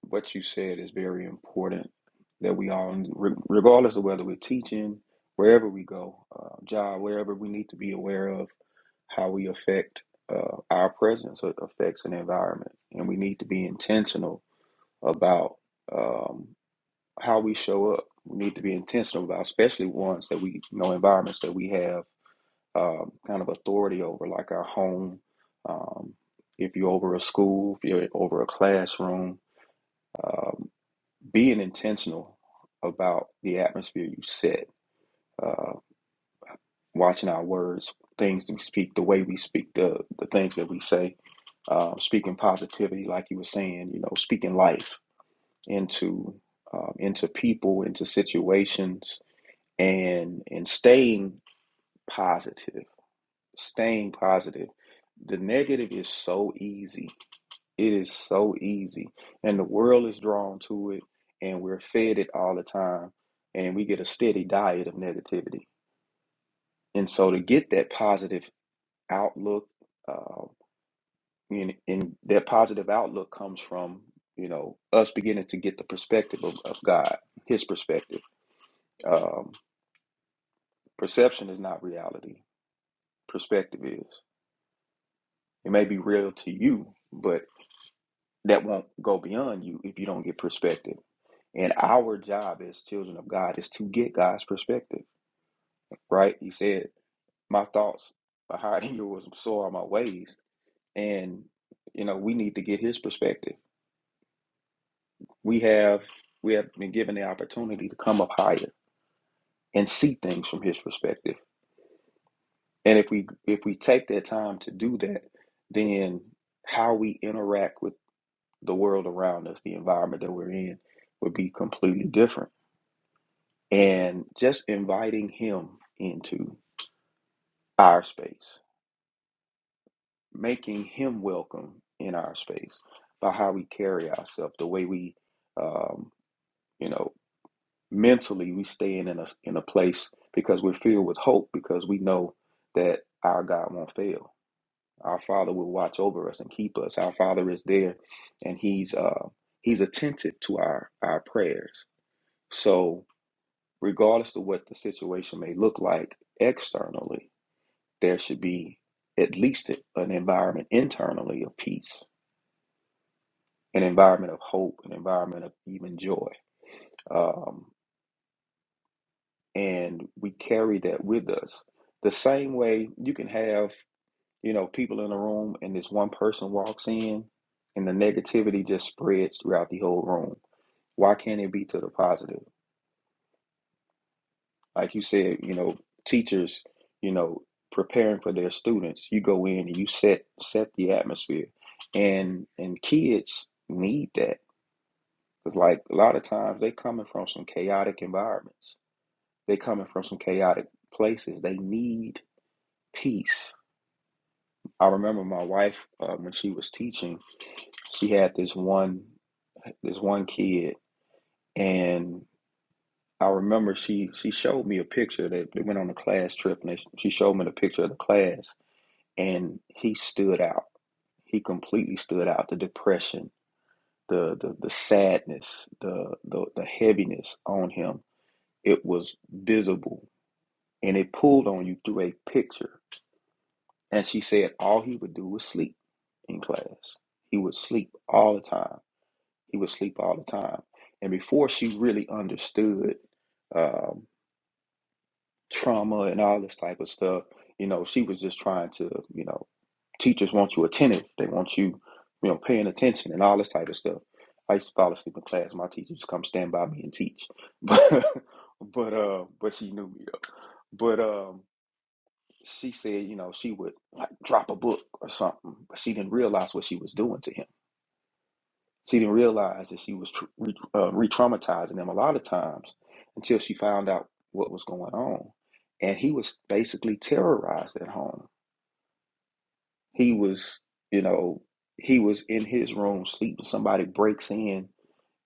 what you said is very important that we all, re- regardless of whether we're teaching, wherever we go, uh, job, wherever we need to be aware of how we affect uh, our presence or affects an environment. And we need to be intentional about. um, how we show up. We need to be intentional about, especially ones that we you know environments that we have um, kind of authority over, like our home. Um, if you're over a school, if you're over a classroom, um, being intentional about the atmosphere you set, uh, watching our words, things we speak, the way we speak, the the things that we say, uh, speaking positivity, like you were saying, you know, speaking life into um, into people, into situations and and staying positive staying positive the negative is so easy it is so easy and the world is drawn to it and we're fed it all the time and we get a steady diet of negativity and so to get that positive outlook uh, and, and that positive outlook comes from you know us beginning to get the perspective of, of god his perspective um, perception is not reality perspective is It may be real to you, but that won't go beyond you if you don't get perspective. And our job as children of God is to get God's perspective, right? He said, My thoughts are higher than yours, so are my ways. And, you know, we need to get his perspective. We have we have been given the opportunity to come up higher and see things from his perspective. And if we if we take that time to do that, then how we interact with the world around us, the environment that we're in, would be completely different. And just inviting him into our space, making him welcome in our space by how we carry ourselves, the way we, um, you know, mentally we stay in a, in a place because we're filled with hope because we know that our God won't fail. Our Father will watch over us and keep us. Our Father is there, and He's uh, He's attentive to our our prayers. So regardless of what the situation may look like externally, there should be at least an environment internally of peace, an environment of hope, an environment of even joy. Um, and we carry that with us. The same way you can have, you know, people in a room and this one person walks in and the negativity just spreads throughout the whole room. Why can't it be to the positive? like you said, you know, teachers, you know, preparing for their students, you go in and you set set the atmosphere, and and kids need that because like a lot of times they coming from some chaotic environments, they coming from some chaotic places, they need peace. I remember my wife uh, when she was teaching, she had this one this one kid and I remember she she showed me a picture that they went on a class trip and they, she showed me the picture of the class and he stood out. He completely stood out. The depression, the the, the sadness, the, the the heaviness on him, it was visible, and it pulled on you through a picture. And she said all he would do was sleep in class. He would sleep all the time. He would sleep all the time. And before she really understood um, trauma and all this type of stuff, you know, she was just trying to, you know. Teachers want you attentive. They want you, you know, paying attention and all this type of stuff. I used to fall asleep in class. My teacher just come stand by me and teach. But but uh but she knew me though. But um she said, you know, she would like drop a book or something, but she didn't realize what she was doing to him. She didn't realize that she was tr- re- uh, re-traumatizing him a lot of times until she found out what was going on. And he was basically terrorized at home He was, you know, he was in his room sleeping. Somebody breaks in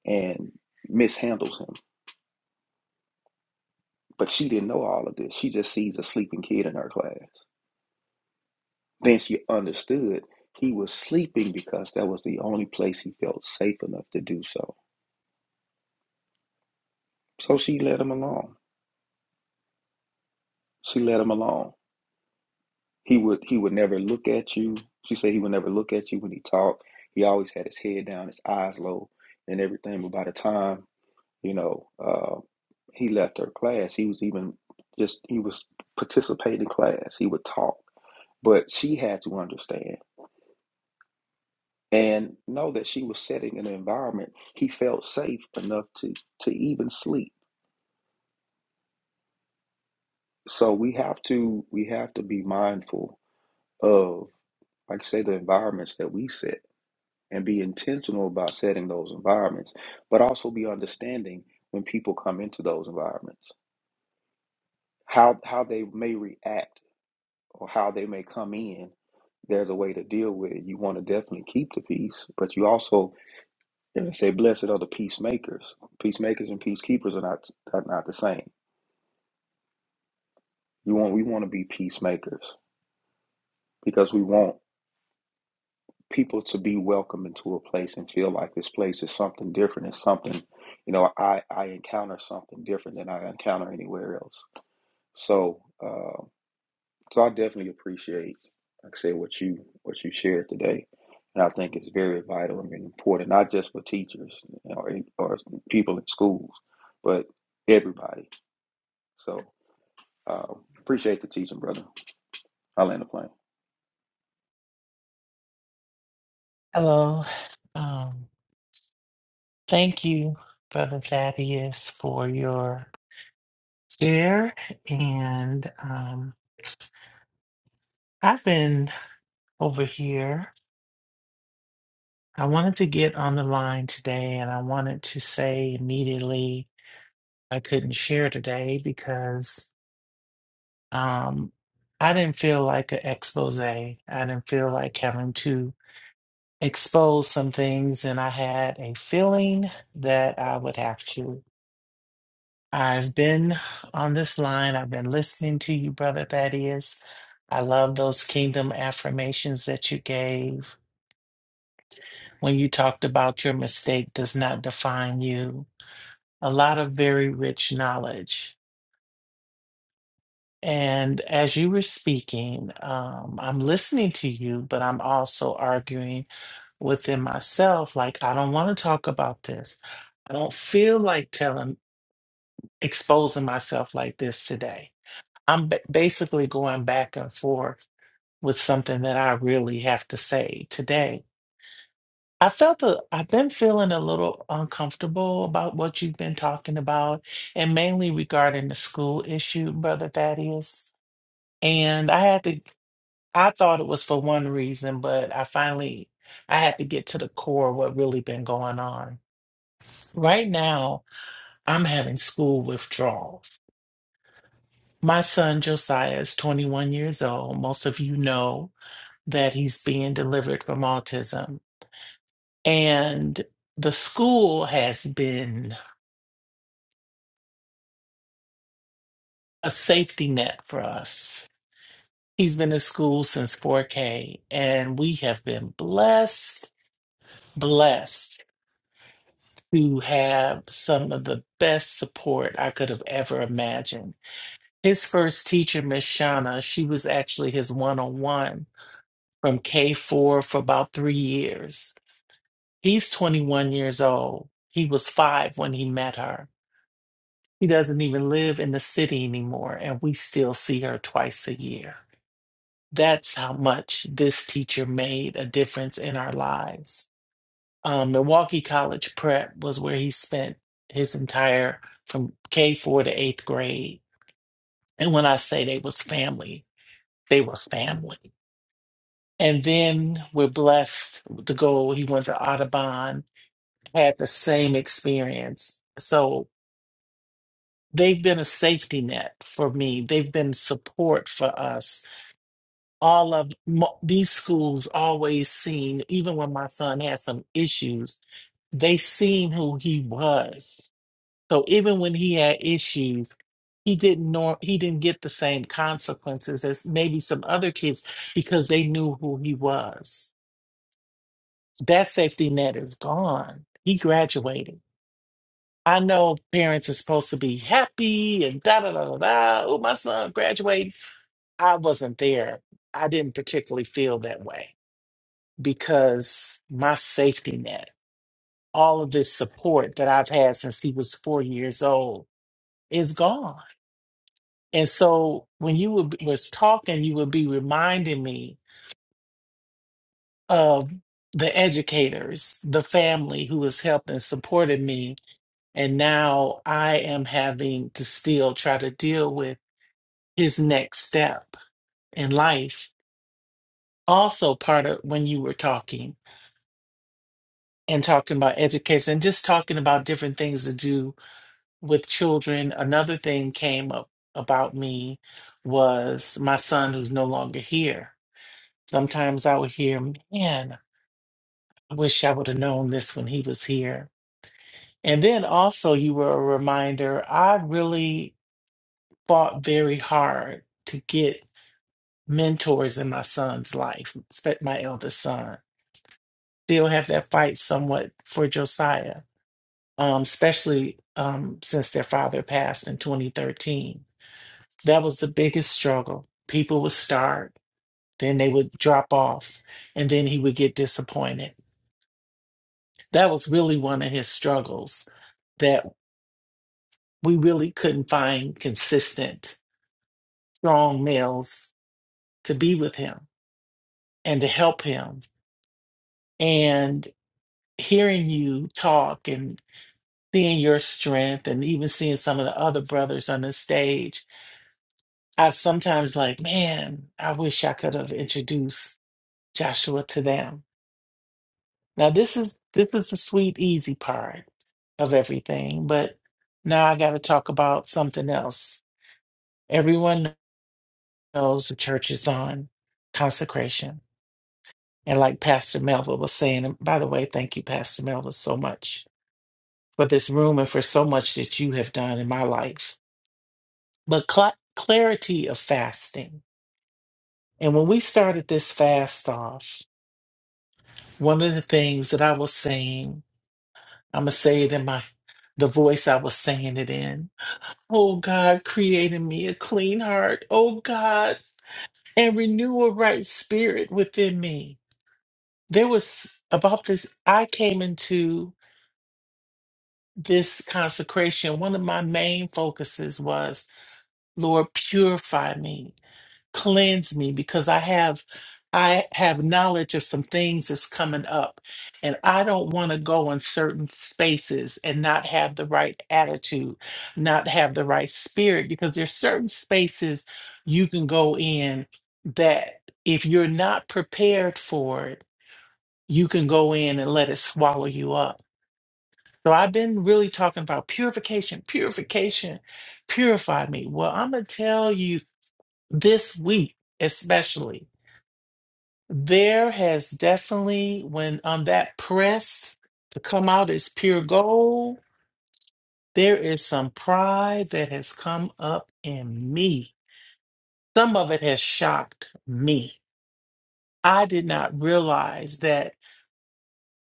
and mishandles him. But she didn't know all of this. She just sees a sleeping kid in her class. Then she understood he was sleeping because that was the only place he felt safe enough to do so. So she let him alone. She let him alone. He would he would never look at you. She said he would never look at you when he talked. He always had his head down, his eyes low, and everything. But by the time You know, uh, he left her class. He was even just he was participating in class. He would talk, but she had to understand and know that she was setting an environment he felt safe enough to to even sleep. So we have to we have to be mindful of, like I say, the environments that we set and be intentional about setting those environments, but also be understanding when people come into those environments, how how they may react or how they may come in, there's a way to deal with it. You want to definitely keep the peace, but you also and they say, "Blessed are the peacemakers." Peacemakers and peacekeepers are not are not the same. You want we want to be peacemakers because we want people to be welcome into a place and feel like this place is something different. It's something, you know, I I encounter something different than I encounter anywhere else. So. Um, So I definitely appreciate, like I said, what you what you shared today, and I think it's very vital and important, not just for teachers you know, or, or people in schools, but everybody. So uh, appreciate the teaching, brother. I land the plane. Hello. Um, thank you, Brother Thaddeus, for your share. And um, I've been over here. I wanted to get on the line today, and I wanted to say immediately I couldn't share today because um, I didn't feel like an expose. I didn't feel like having to. exposed some things, and I had a feeling that I would have to. I've been on this line, I've been listening to you, Brother Thaddeus. I love those kingdom affirmations that you gave when you talked about your mistake does not define you. A lot of very rich knowledge. And as you were speaking, um, I'm listening to you, but I'm also arguing within myself like i don't want to talk about this i don't feel like telling exposing myself like this today i'm ba- basically going back and forth with something that i really have to say today i felt a, i've been feeling a little uncomfortable about what you've been talking about and mainly regarding the school issue brother thaddeus and i had to i thought it was for one reason but i finally i had to get to the core of what really been going on Right now, I'm having school withdrawals. My son Josiah is 21 years old. Most of you know that he's being delivered from autism. And the school has been a safety net for us. He's been in school since 4K, and we have been blessed, blessed to have some of the best support I could have ever imagined. His first teacher, Miss Shauna, she was actually his one on one. from K4 for about three years. He's 21 years old. He was five when he met her. He doesn't even live in the city anymore, and we still see her twice a year. That's how much this teacher made a difference in our lives. Um, Milwaukee College Prep was where he spent his entire from K4 to eighth grade. And when I say they was family, they were family. And then we're blessed to go. He went to Audubon had the same experience. So they've been a safety net for me. They've been support for us. All of mo- these schools always seen, even when my son had some issues, they seen who he was. So even when he had issues, he didn't know he didn't get the same consequences as maybe some other kids because they knew who he was. That safety net is gone. He graduated. I know parents are supposed to be happy and da da da da da. Oh, my son graduated. I wasn't there. I didn't particularly feel that way because my safety net, all of this support that I've had since he was four years old, is gone. And so when you would, was talking, you would be reminding me of the educators, the family who has helped and supported me. And now I am having to still try to deal with his next step in life. Also, part of when you were talking and talking about education, just talking about different things to do with children, another thing came up about me was my son who's no longer here. Sometimes I would hear, man, I wish I would have known this when he was here. And then also, you were a reminder, I really fought very hard to get mentors in my son's life, spe- my eldest son still have that fight somewhat for Josiah, um, especially um, since their father passed in 2013. That was the biggest struggle. People would start, then they would drop off, and then he would get disappointed. That was really one of his struggles that we really couldn't find consistent, strong males to be with him and to help him. And hearing you talk and. seeing your strength and even seeing some of the other brothers on the stage, I sometimes like, man, I wish I could have introduced Joshua to them. Now this is this is the sweet, easy part of everything, but now I gotta talk about something else. Everyone knows the church is on consecration. And like Pastor Melville was saying, and by the way, thank you, Pastor Melville, so much for this room and for so much that you have done in my life but cl- clarity of fasting. And when we started this fast off, one of the things that I was saying, I'm gonna say it in my the voice I was saying it in. Oh God, create in me a clean heart. Oh God, and renew a right spirit within me. There was about this. I came into this consecration. One of my main focuses was, Lord, purify me cleanse me because I have I have knowledge of some things that's coming up and I don't want to go in certain spaces and not have the right attitude, not have the right spirit because there's certain spaces you can go in that if you're not prepared for it, you can go in and let it swallow you up. So I've been really talking about purification, purification, purify me. Well, I'm going to tell you this week especially there has definitely, when on that press to come out is pure gold, there is some pride that has come up in me. Some of it has shocked me. I did not realize that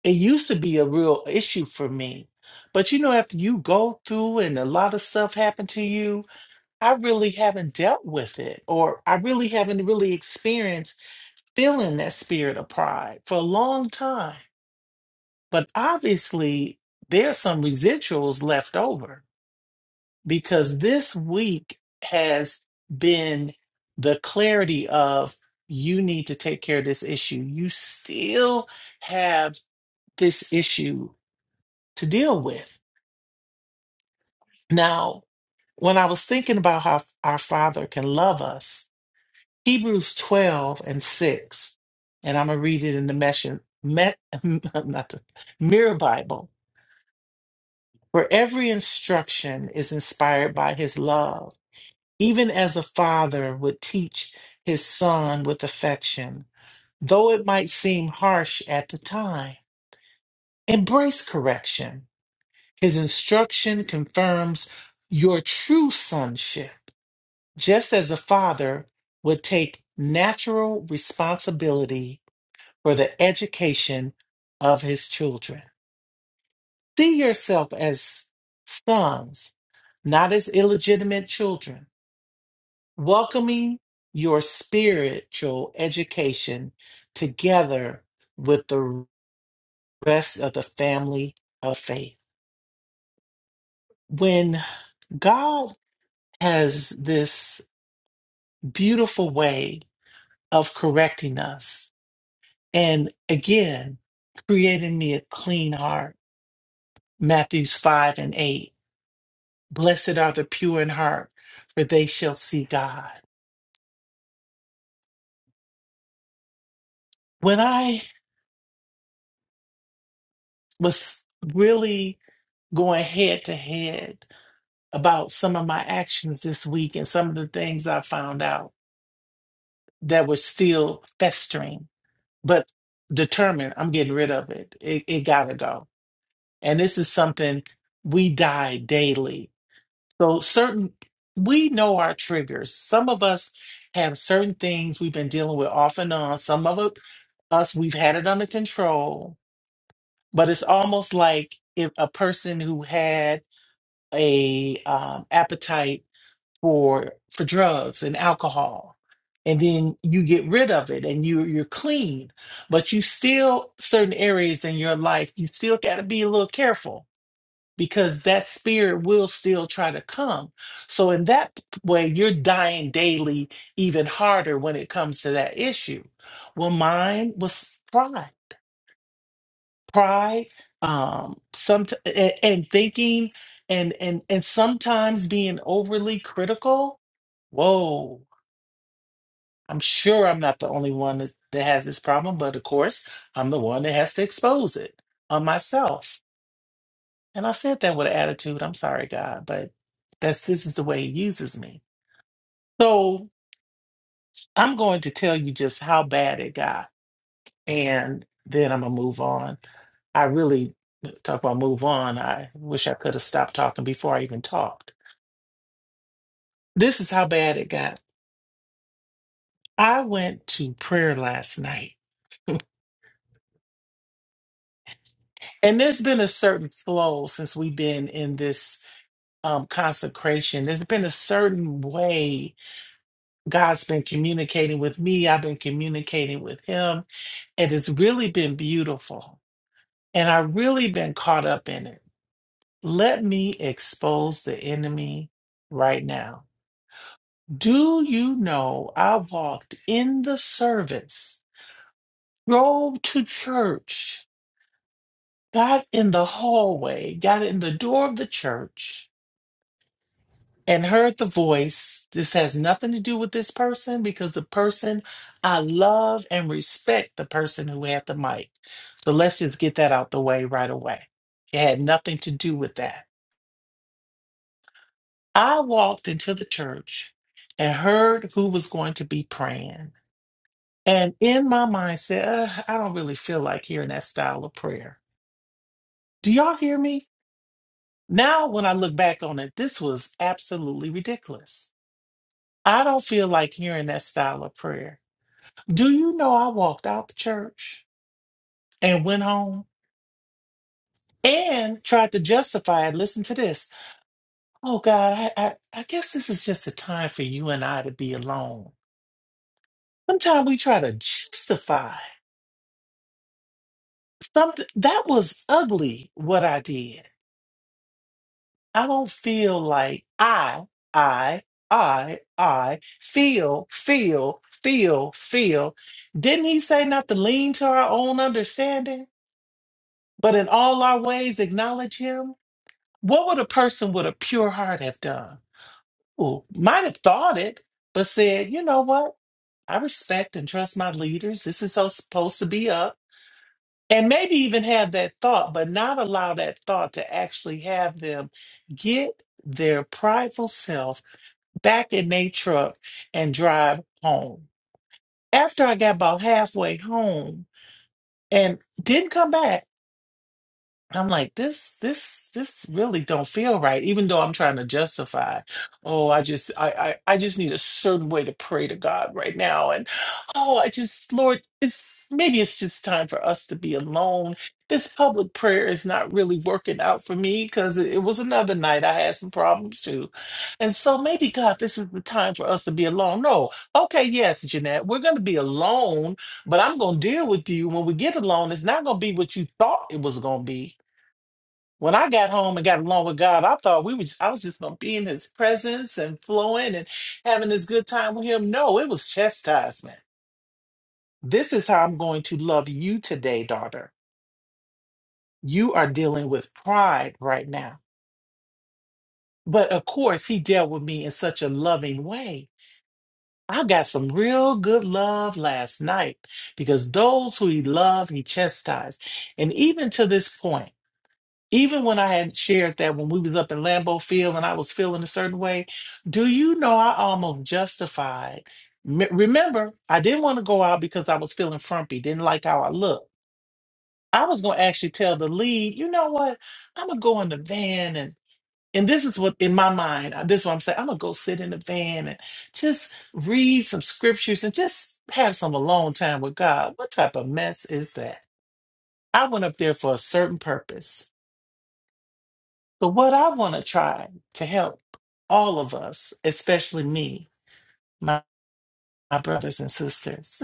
it used to be a real issue for me. But you know, after you go through and a lot of stuff happened to you, I really haven't dealt with it, or I really haven't really experienced feeling that spirit of pride for a long time. But obviously, there's some residuals left over because this week has been the clarity of you need to take care of this issue. You still have this issue to deal with. Now, when I was thinking about how our Father can love us, Hebrews 12 and 6, and I'm going to read it in the Mesh, Me- not the Mirror Bible For every instruction is inspired by his love, even as a father would teach his son with affection, though it might seem harsh at the time. Embrace correction. His instruction confirms your true sonship, just as a father would take natural responsibility for the education of his children. See yourself as sons, not as illegitimate children welcoming your spiritual education together with the rest of the family of faith. When God has this beautiful way of correcting us, and again, creating me a clean heart, Matthews 5 and 8. Blessed are the pure in heart, for they shall see God. When I was really going head to head about some of my actions this week and some of the things I found out that were still festering, but determined I'm getting rid of it. It, it got to go. And this is something we die daily. So, certain, we know our triggers. Some of us have certain things we've been dealing with off and on. Some of it- us, we've had it under control, but it's almost like if a person who had a um, appetite for for drugs and alcohol and then you get rid of it and you you're clean but you still certain areas in your life you still got to be a little careful because that spirit will still try to come so in that p- way you're dying daily even harder when it comes to that issue well mine was pride pride um some and, and thinking and and and sometimes being overly critical whoa i'm sure i'm not the only one that, that has this problem but of course i'm the one that has to expose it on myself and i said that with an attitude i'm sorry god but that's this is the way he uses me so i'm going to tell you just how bad it got and then I'm gonna move on. I really uh, talk about move on. I wish I could have stopped talking before I even talked. This is how bad it got. I went to prayer last night, and there's been a certain flow since we've been in this um, consecration. There's been a certain way God's been communicating with me. I've been communicating with Him, and it's really been beautiful. And I've really been caught up in it. Let me expose the enemy right now. Do you know I walked in the service, drove to church, got in the hallway, got in the door of the church, and heard the voice. This has nothing to do with this person because the person I love and respect the person who had the mic. So let's just get that out the way right away. It had nothing to do with that. I walked into the church and heard who was going to be praying. And in my mind said, "Ugh, I don't really feel like hearing that style of prayer. Do y'all hear me? Now, when I look back on it, this was absolutely ridiculous. I don't feel like hearing that style of prayer. Do you know I walked out the church and went home and tried to justify it? Listen to this. Oh God, I, I, I guess this is just a time for you and I to be alone. Sometimes we try to justify. something that was ugly what I did. I don't feel like I, I, I, I feel, feel, feel, feel. Didn't he say not to lean to our own understanding, but in all our ways acknowledge him? What would a person with a pure heart have done? Who might have thought it, but said, you know what? I respect and trust my leaders. This is so supposed to be up. And maybe even have that thought, but not allow that thought to actually have them get their prideful self back in their truck and drive home. After I got about halfway home and didn't come back, I'm like, this, this, this really don't feel right, even though I'm trying to justify. Oh, I just, I, I, I just need a certain way to pray to God right now. And oh, I just, Lord, it's maybe it's just time for us to be alone. This public prayer is not really working out for me because it, it was another night I had some problems too. And so maybe God, this is the time for us to be alone. No, okay, yes, Jeanette, we're going to be alone, but I'm going to deal with you when we get alone. It's not going to be what you thought it was going to be when I got home and got along with God, I thought we were just, I was just gonna be in his presence and flowing and having this good time with him. No, it was chastisement. This is how I'm going to love you today, daughter. You are dealing with pride right now. But of course, he dealt with me in such a loving way. I got some real good love last night because those who he loved, he chastised. And even to this point. Even when I had shared that when we was up in Lambeau Field and I was feeling a certain way, do you know I almost justified? M- remember, I didn't want to go out because I was feeling frumpy, didn't like how I looked. I was gonna actually tell the lead, you know what? I'm gonna go in the van and and this is what in my mind, uh, this is what I'm saying. I'm gonna go sit in the van and just read some scriptures and just have some alone time with God. What type of mess is that? I went up there for a certain purpose. So, what I want to try to help all of us, especially me, my, my brothers and sisters,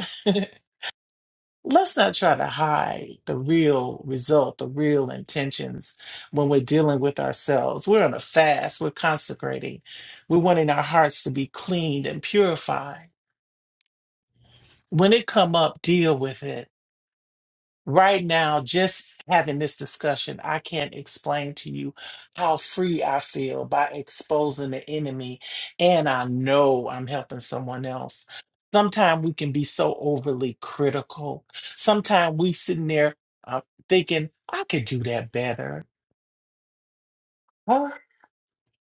let's not try to hide the real result, the real intentions when we're dealing with ourselves. We're on a fast, we're consecrating, we're wanting our hearts to be cleaned and purified. When it come up, deal with it right now, just having this discussion, I can't explain to you how free I feel by exposing the enemy. And I know I'm helping someone else. Sometimes we can be so overly critical. Sometimes we sitting there uh, thinking, I could do that better. Huh?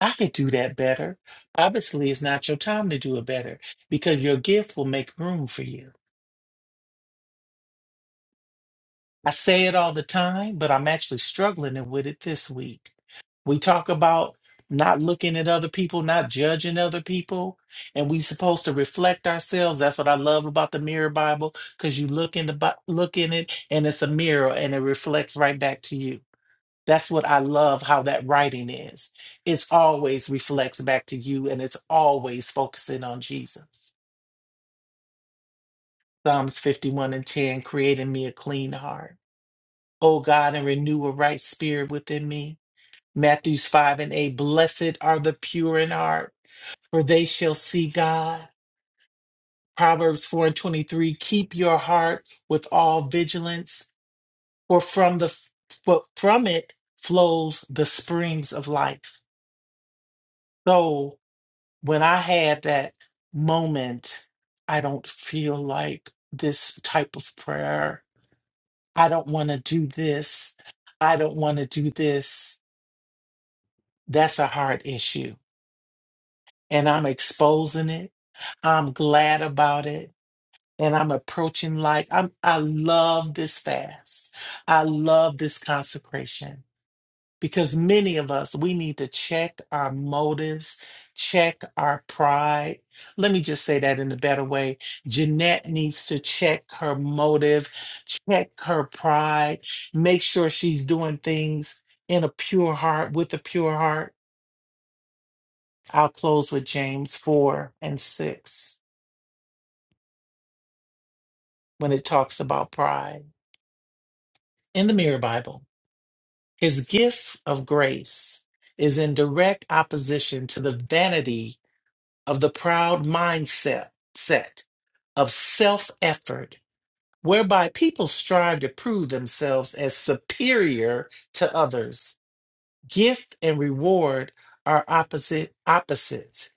I could do that better. Obviously, it's not your time to do it better because your gift will make room for you. I say it all the time, but I'm actually struggling with it this week. We talk about not looking at other people, not judging other people, and we supposed to reflect ourselves. That's what I love about the Mirror Bible cuz you look in the Bi- look in it and it's a mirror and it reflects right back to you. That's what I love how that writing is. It's always reflects back to you and it's always focusing on Jesus. Psalms 51 and 10 creating me a clean heart O God, and renew a right spirit within me. Matthews 5 and 8. Blessed are the pure in heart, for they shall see God. Proverbs 4 and 23. Keep your heart with all vigilance, for from the for from it flows the springs of life. So when I had that moment, I don't feel like this type of prayer. I don't want to do this. I don't want to do this. That's a heart issue and I'm exposing it. I'm glad about it. And I'm approaching life. I'm I love this fast. I love this consecration because many of us we need to check our motives, check our pride. Let me just say that in a better way. Jeanette needs to check her motive, check her pride, make sure she's doing things in a pure heart with a pure heart. I'll close with James 4 and 6. when it talks about pride in the Mirror Bible. His gift of grace is in direct opposition to the vanity of the proud mindset set of self effort, whereby people strive to prove themselves as superior to others. Gift and reward are opposite opposites.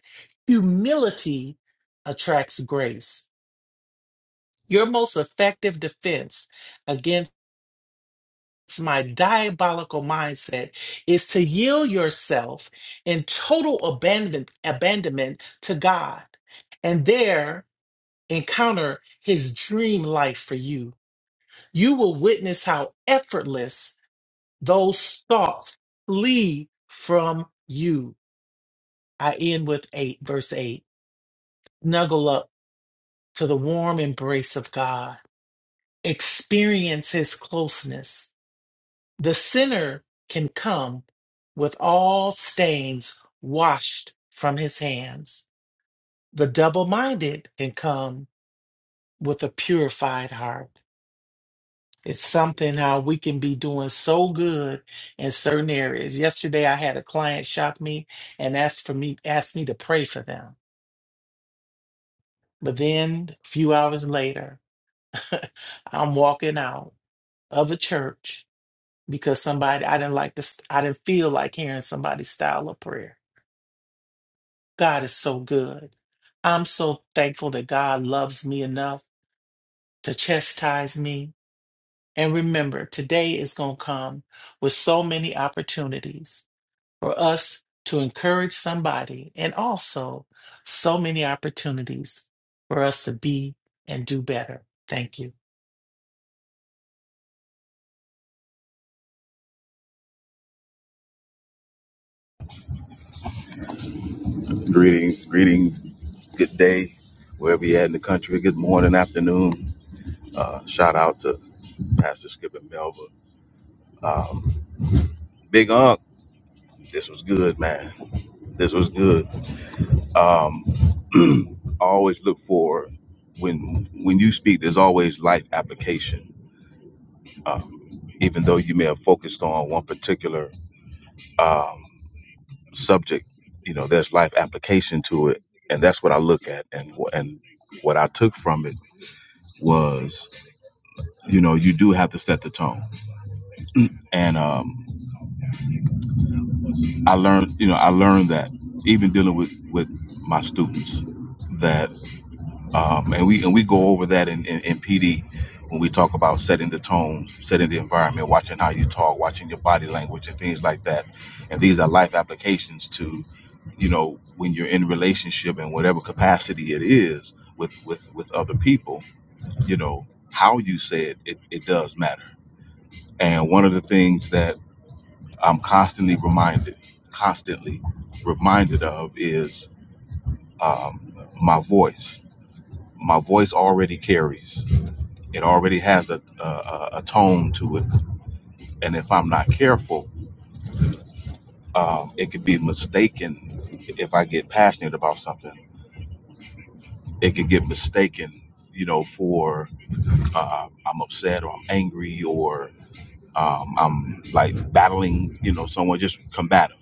Humility attracts grace. Your most effective defense It's my diabolical mindset is to yield yourself in total abandon, abandonment to God and there encounter his dream life for you. You will witness how effortless those thoughts flee from you. I end with 8 verse 8. Snuggle up to the warm embrace of God. Experience his closeness The sinner can come with all stains washed from his hands. The double minded can come with a purified heart. It's something how we can be doing so good in certain areas. Yesterday, I had a client shock me and asked for me asked me to pray for them. But then, a few hours later, I'm walking out of a church because somebody I didn't like this. I didn't feel like hearing somebody's style of prayer God is so good. I'm so thankful that God loves me enough to chastise me. And remember, today is going to come with so many opportunities for us to encourage somebody and also so many opportunities for us to be and do better. Thank you. Greetings, greetings, good day, wherever you're at in the country. Good morning, afternoon. Uh, shout out to Pastor Skip and Melva. Um, Big Unc, this was good, man. This was good. Um, I always look for when when you speak. There's always life application, um, even though you may have focused on one particular um, subject. You know, there's life application to it, and that's what I look at. And wh- and what I took from it was you know you do have to set the tone and um, i learned you know i learned that even dealing with with my students that um, and we and we go over that in, in, in pd when we talk about setting the tone setting the environment watching how you talk watching your body language and things like that and these are life applications to you know when you're in relationship in whatever capacity it is with with with other people you know how you say it it, it does matter and one of the things that I'm constantly reminded, constantly reminded of is um, my voice. My voice already carries. It already has a, a a a tone to it, and if I'm not careful, um, it could be mistaken. If I get passionate about something, it could get mistaken, you know, for uh, I'm upset or I'm angry or um, I'm like battling, you know, someone just combative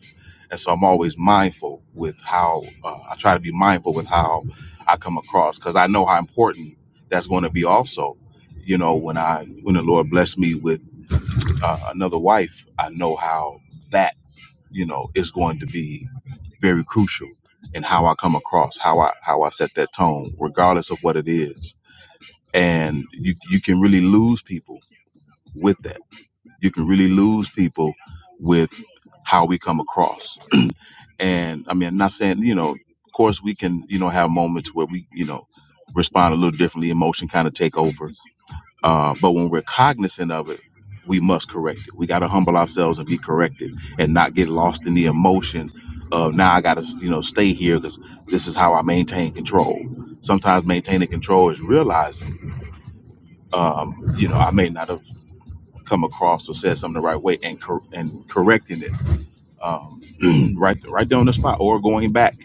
And so I'm always mindful with how uh, I try to be mindful with how I come across because I know how important that's going to be. Also, you know, when I when the Lord blessed me with uh, another wife, I know how that you know is going to be very crucial in how I come across, how I how I set that tone, regardless of what it is. And you you can really lose people with that. You can really lose people with how we come across. And I mean, I'm not saying, you know, of course we can, you know, have moments where we, you know, respond a little differently, emotion kind of take over. Uh, but when we're cognizant of it, we must correct it. We got to humble ourselves and be corrected and not get lost in the emotion of now I got to, you know, stay here because this is how I maintain control. Sometimes maintaining control is realizing, um, you know, I may not have come across or said something the right way and, cor- and correcting it um, right, right there on the spot or going back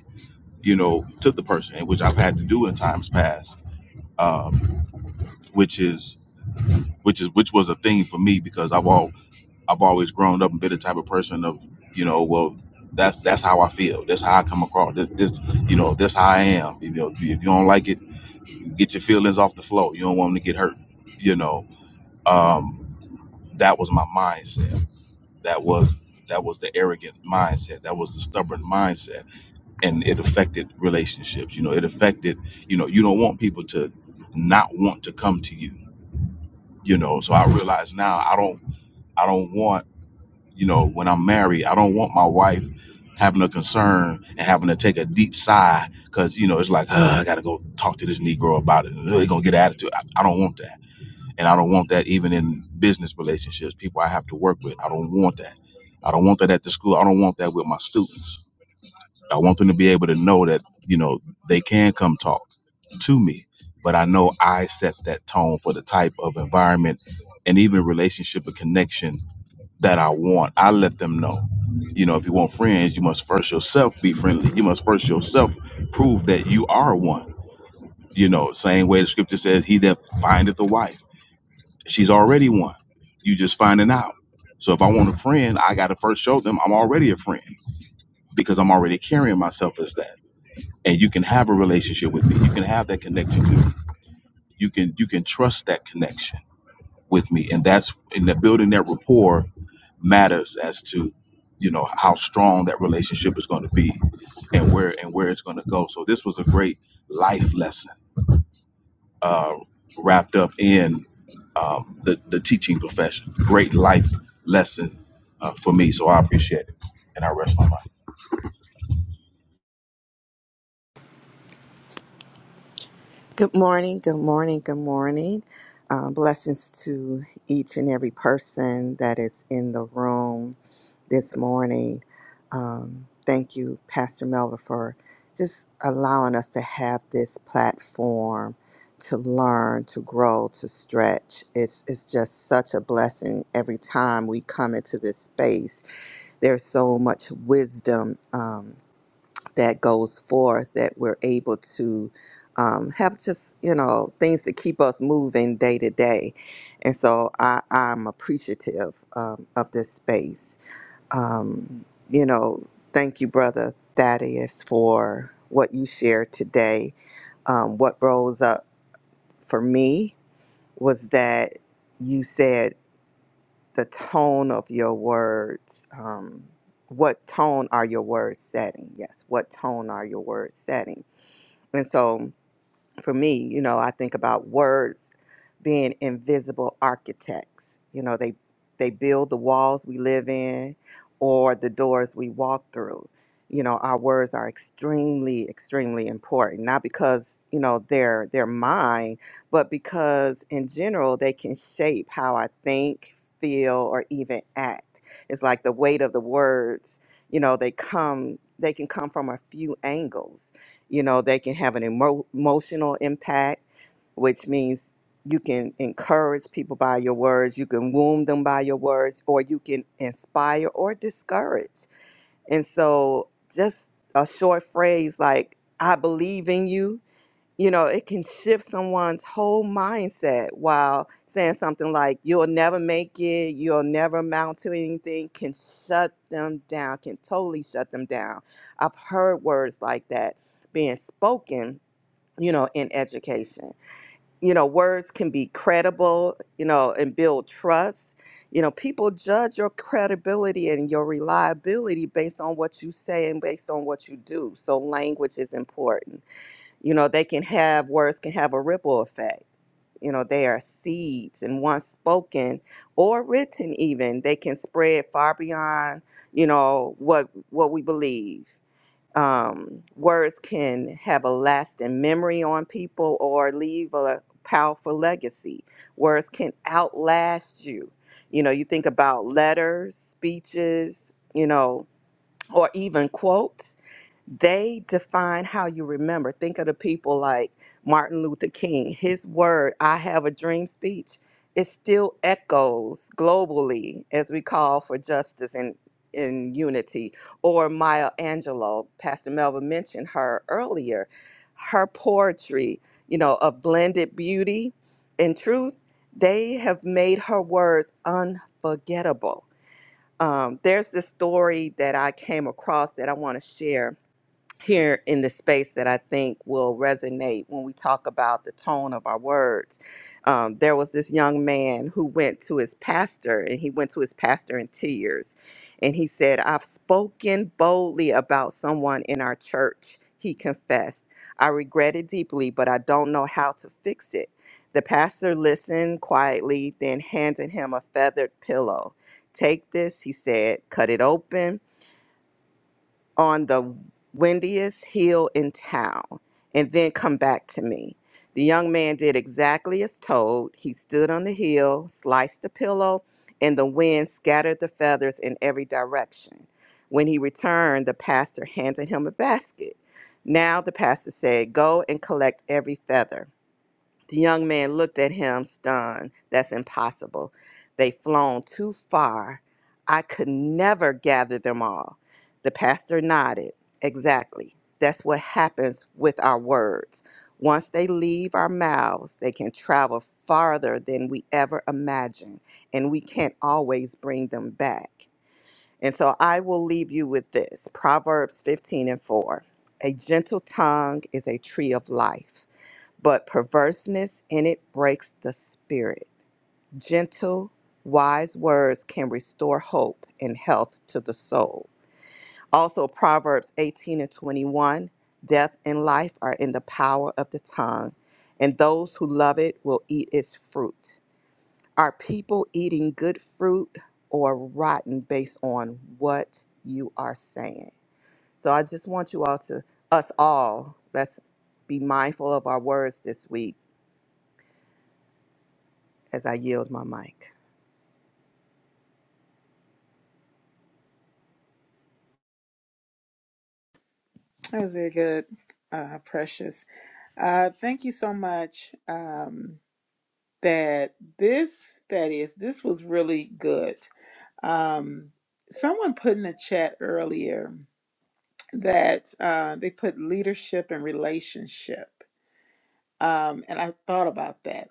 you know, to the person, and which I've had to do in times past, um, which is which is which was a thing for me because I've all I've always grown up and been the type of person of you know, well, that's that's how I feel, that's how I come across, this, this you know, that's how I am. You know, if you don't like it, get your feelings off the floor. You don't want them to get hurt. You know, um, that was my mindset. That was that was the arrogant mindset. That was the stubborn mindset and it affected relationships you know it affected you know you don't want people to not want to come to you you know so i realize now i don't i don't want you know when i'm married i don't want my wife having a concern and having to take a deep sigh because you know it's like "Ugh, i gotta go talk to this negro about it they're gonna get attitude I, I don't want that and i don't want that even in business relationships people i have to work with i don't want that i don't want that at the school i don't want that with my students I want them to be able to know that, you know, they can come talk to me, but I know I set that tone for the type of environment and even relationship and connection that I want. I let them know. You know, if you want friends, you must first yourself be friendly. You must first yourself prove that you are one. You know, same way the scripture says, He that findeth a wife, she's already one. You just finding out. So if I want a friend, I got to first show them I'm already a friend because I'm already carrying myself as that and you can have a relationship with me you can have that connection to me you can you can trust that connection with me and that's in that building that rapport matters as to you know how strong that relationship is going to be and where and where it's going to go so this was a great life lesson uh, wrapped up in um, the, the teaching profession great life lesson uh, for me so i appreciate it and i rest my mind Good morning, good morning, good morning. Um, blessings to each and every person that is in the room this morning. Um, thank you, Pastor Melva, for just allowing us to have this platform to learn, to grow, to stretch. It's, it's just such a blessing every time we come into this space. There's so much wisdom. Um, that goes forth that we're able to um, have just you know things to keep us moving day to day and so I, i'm appreciative um, of this space um, you know thank you brother thaddeus for what you shared today um, what rose up for me was that you said the tone of your words um, what tone are your words setting yes what tone are your words setting and so for me, you know, I think about words being invisible architects. You know, they they build the walls we live in or the doors we walk through. You know, our words are extremely, extremely important, not because, you know, they're they're mine, but because in general they can shape how I think, feel, or even act. It's like the weight of the words, you know, they come they can come from a few angles you know they can have an emo- emotional impact which means you can encourage people by your words you can wound them by your words or you can inspire or discourage and so just a short phrase like i believe in you you know, it can shift someone's whole mindset while saying something like, you'll never make it, you'll never amount to anything, can shut them down, can totally shut them down. I've heard words like that being spoken, you know, in education. You know, words can be credible, you know, and build trust. You know, people judge your credibility and your reliability based on what you say and based on what you do. So, language is important you know, they can have words can have a ripple effect. You know, they are seeds, and once spoken or written, even they can spread far beyond you know what what we believe. Um, words can have a lasting memory on people or leave a powerful legacy. Words can outlast you. You know, you think about letters, speeches, you know, or even quotes they define how you remember. Think of the people like Martin Luther King. His word, I have a dream speech, it still echoes globally as we call for justice and in unity. Or Maya Angelou, Pastor Melva mentioned her earlier. Her poetry, you know, of blended beauty and truth, they have made her words unforgettable. Um, there's this story that I came across that I want to share here in the space that I think will resonate when we talk about the tone of our words. Um, there was this young man who went to his pastor, and he went to his pastor in tears. And he said, I've spoken boldly about someone in our church, he confessed. I regret it deeply, but I don't know how to fix it. The pastor listened quietly, then handed him a feathered pillow. Take this, he said, cut it open on the windiest hill in town and then come back to me. The young man did exactly as told. He stood on the hill, sliced the pillow, and the wind scattered the feathers in every direction. When he returned, the pastor handed him a basket. Now the pastor said, Go and collect every feather. The young man looked at him, stunned. That's impossible. They've flown too far. I could never gather them all. The pastor nodded. Exactly. That's what happens with our words. Once they leave our mouths, they can travel farther than we ever imagined, and we can't always bring them back. And so I will leave you with this Proverbs 15 and 4. A gentle tongue is a tree of life but perverseness in it breaks the spirit. Gentle, wise words can restore hope and health to the soul. Also, Proverbs 18 and 21 death and life are in the power of the tongue, and those who love it will eat its fruit. Are people eating good fruit or rotten based on what you are saying? So I just want you all to, us all, let's be mindful of our words this week as I yield my mic. That was very good, uh, Precious. Uh, thank you so much. Um, that this, that is, this was really good. Um, someone put in the chat earlier that uh, they put leadership and relationship. Um, and I thought about that.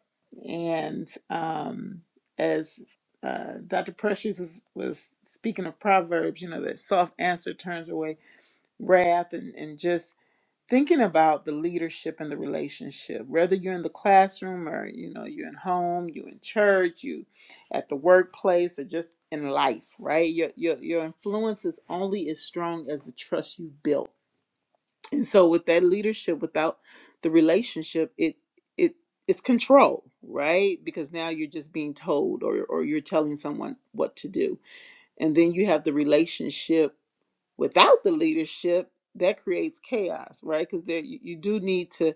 And um, as uh, Dr. Precious was, was speaking of Proverbs, you know, that soft answer turns away wrath and, and just thinking about the leadership and the relationship whether you're in the classroom or you know you're in home you're in church you at the workplace or just in life right your, your your influence is only as strong as the trust you've built and so with that leadership without the relationship it it it's control right because now you're just being told or or you're telling someone what to do and then you have the relationship without the leadership that creates chaos right because there you, you do need to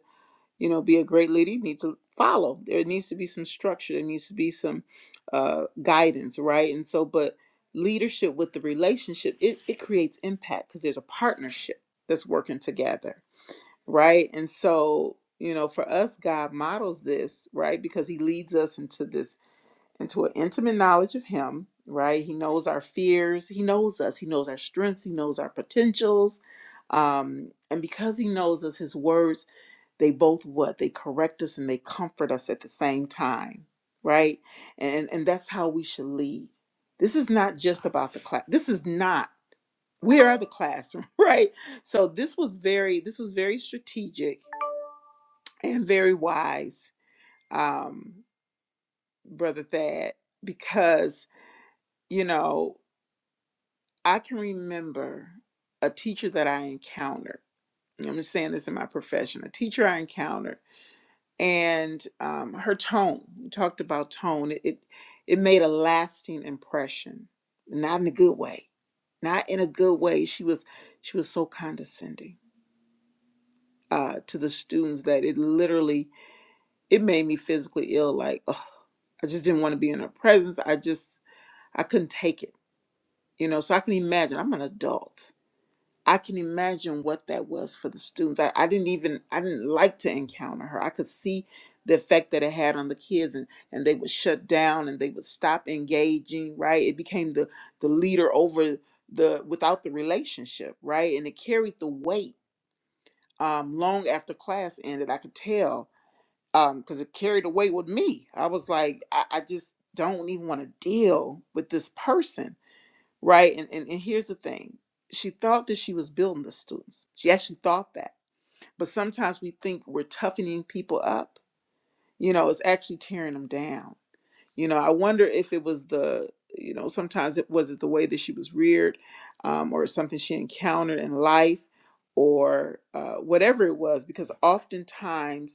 you know be a great leader you need to follow there needs to be some structure there needs to be some uh, guidance right and so but leadership with the relationship it, it creates impact because there's a partnership that's working together right and so you know for us god models this right because he leads us into this and to an intimate knowledge of Him, right? He knows our fears, He knows us, He knows our strengths, He knows our potentials. Um, and because He knows us, His words, they both what? They correct us and they comfort us at the same time, right? And and that's how we should lead. This is not just about the class. This is not we are the classroom, right? So this was very this was very strategic and very wise, um, brother Thad, because you know I can remember a teacher that I encountered. and I'm just saying this in my profession. A teacher I encountered, and um, her tone. We talked about tone. It, it it made a lasting impression, not in a good way. Not in a good way. She was she was so condescending uh, to the students that it literally it made me physically ill. Like ugh, I just didn't want to be in her presence. I just I couldn't take it. You know. So I can imagine. I'm an adult I can imagine what that was for the students. I, I didn't even I didn't like to encounter her. I could see the effect that it had on the kids and, and they would shut down and they would stop engaging, right? It became the the leader over the without the relationship, right? And it carried the weight um long after class ended. I could tell. Um, because it carried the weight with me. I was like, I, I just don't even want to deal with this person right? And, and and here's the thing. She thought that she was building the students. She actually thought that. But sometimes we think we're toughening people up. You know, it's actually tearing them down. You know, I wonder if it was the, you know, sometimes it was it the way that she was reared, um, or something she encountered in life, or uh, whatever it was. Because oftentimes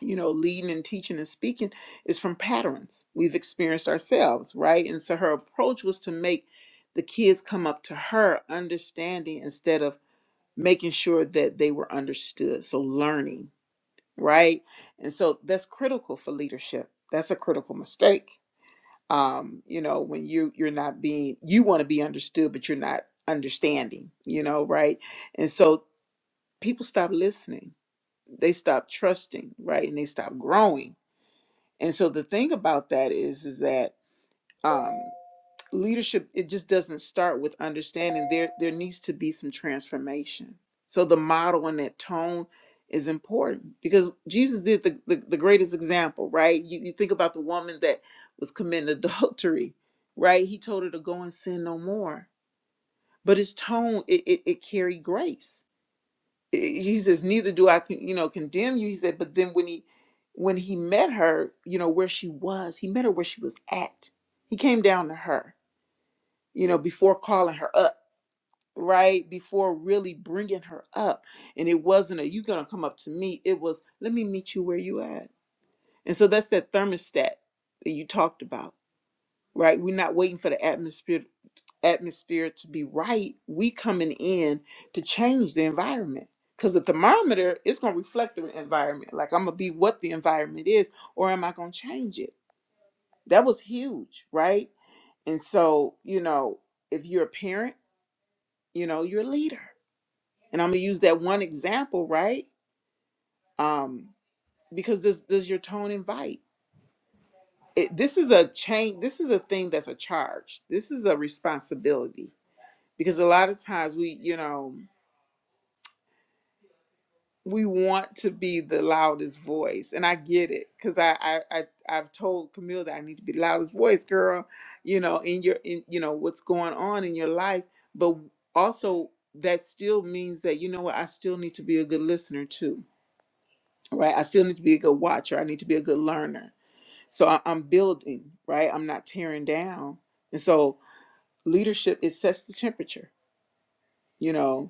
you know, leading and teaching and speaking is from patterns we've experienced ourselves, right? And so her approach was to make the kids come up to her understanding instead of making sure that they were understood. So learning, right? And so that's critical for leadership. That's a critical mistake. Um, you know, when you you're not being you want to be understood, but you're not understanding, you know, right? And so people stop listening. They stop trusting, right? And they stop growing and so the thing about that is is that um leadership it just doesn't start with understanding there there needs to be some transformation. So the model and that tone is important because Jesus did the, the, the greatest example, right? You, you think about the woman that was committing adultery, right? He told her to go and sin no more. But his tone, it, it, it carried grace he says neither do i you know condemn you he said but then when he when he met her you know where she was he met her where she was at he came down to her you know before calling her up right before really bringing her up and it wasn't a you gonna come up to me it was let me meet you where you at and so that's that thermostat that you talked about right we're not waiting for the atmosphere atmosphere to be right, we coming in to change the environment. Because the thermometer is going to reflect the environment. Like I'm going to be what the environment is, or am I going to change it? That was huge, right? And so, you know, if you're a parent, you know, you're a leader. And I'm going to use that one example, right? Um, because this does your tone invite? It, this is a change. This is a thing that's a charge. This is a responsibility. Because a lot of times we, you know, we want to be the loudest voice and i get it because I, I i i've told camille that i need to be the loudest voice girl you know in your in you know what's going on in your life but also that still means that you know what i still need to be a good listener too right i still need to be a good watcher i need to be a good learner so I, i'm building right i'm not tearing down and so leadership it sets the temperature you know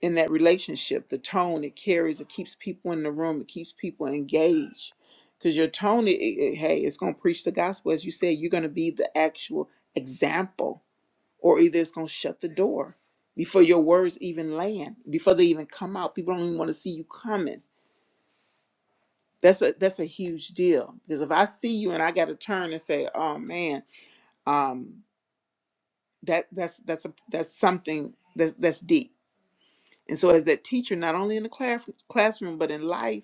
in that relationship the tone it carries it keeps people in the room it keeps people engaged because your tone it, it- it- hey it's going to preach the gospel as you said you're going to be the actual example or either it's going to shut the door before your words even land before they even come out people don't even want to see you coming that's a that's a huge deal because if i see you and i got to turn and say oh man um that that's that's a that's something that's that's deep and so as that teacher not only in the class, classroom but in life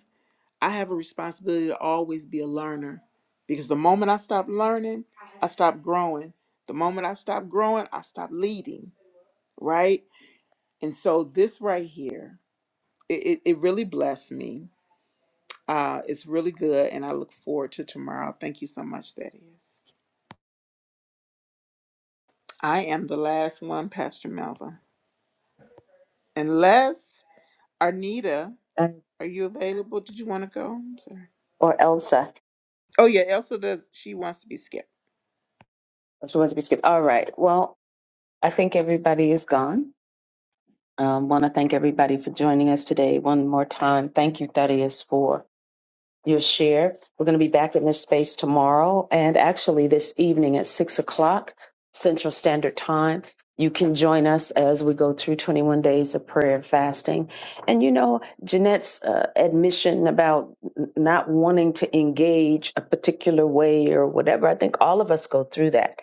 I have a responsibility to always be a learner because the moment I stop learning, I stop growing. The moment I stop growing, I stop leading, right? And so this right here, it, it, it really blessed me. Uh, it's really good, and I look forward to tomorrow. Thank you so much, that is. I am the last one, Pastor Melva. Unless Arnita, Um, are you available? Did you want to go? I'm sorry. or Elsa, Oh yeah, Elsa does. She wants to be skipped. or someone to be skipped. All right. Well, I think everybody is gone. Um, Want to thank everybody for joining us today one more time. Thank you, Thaddeus, for your share. We're going to be back in this space tomorrow and actually this evening at six o'clock Central Standard Time. You can join us as we go through 21 days of prayer and fasting. And you know, Jeanette's uh, admission about n- not wanting to engage a particular way or whatever, I think all of us go through that.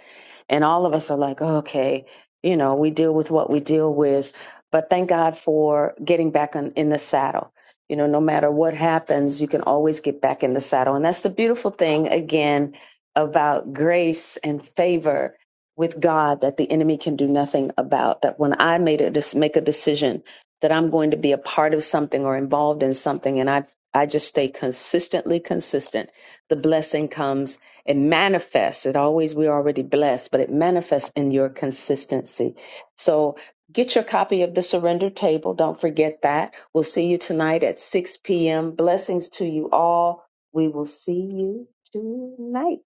And all of us are like, "Oh, okay, you know, we deal with what we deal with. But thank God for getting back on, in the saddle you know no matter what happens you can always get back in the saddle and that's the beautiful thing again about grace and favor with god that the enemy can do nothing about that when i made a make a decision that i'm going to be a part of something or involved in something and i i just stay consistently consistent the blessing comes it manifests it always we're already blessed but it manifests in your consistency so Get your copy of the Surrender Table. Don't forget that. We'll see you tonight at 6 p.m. Blessings to you all. We will see you tonight.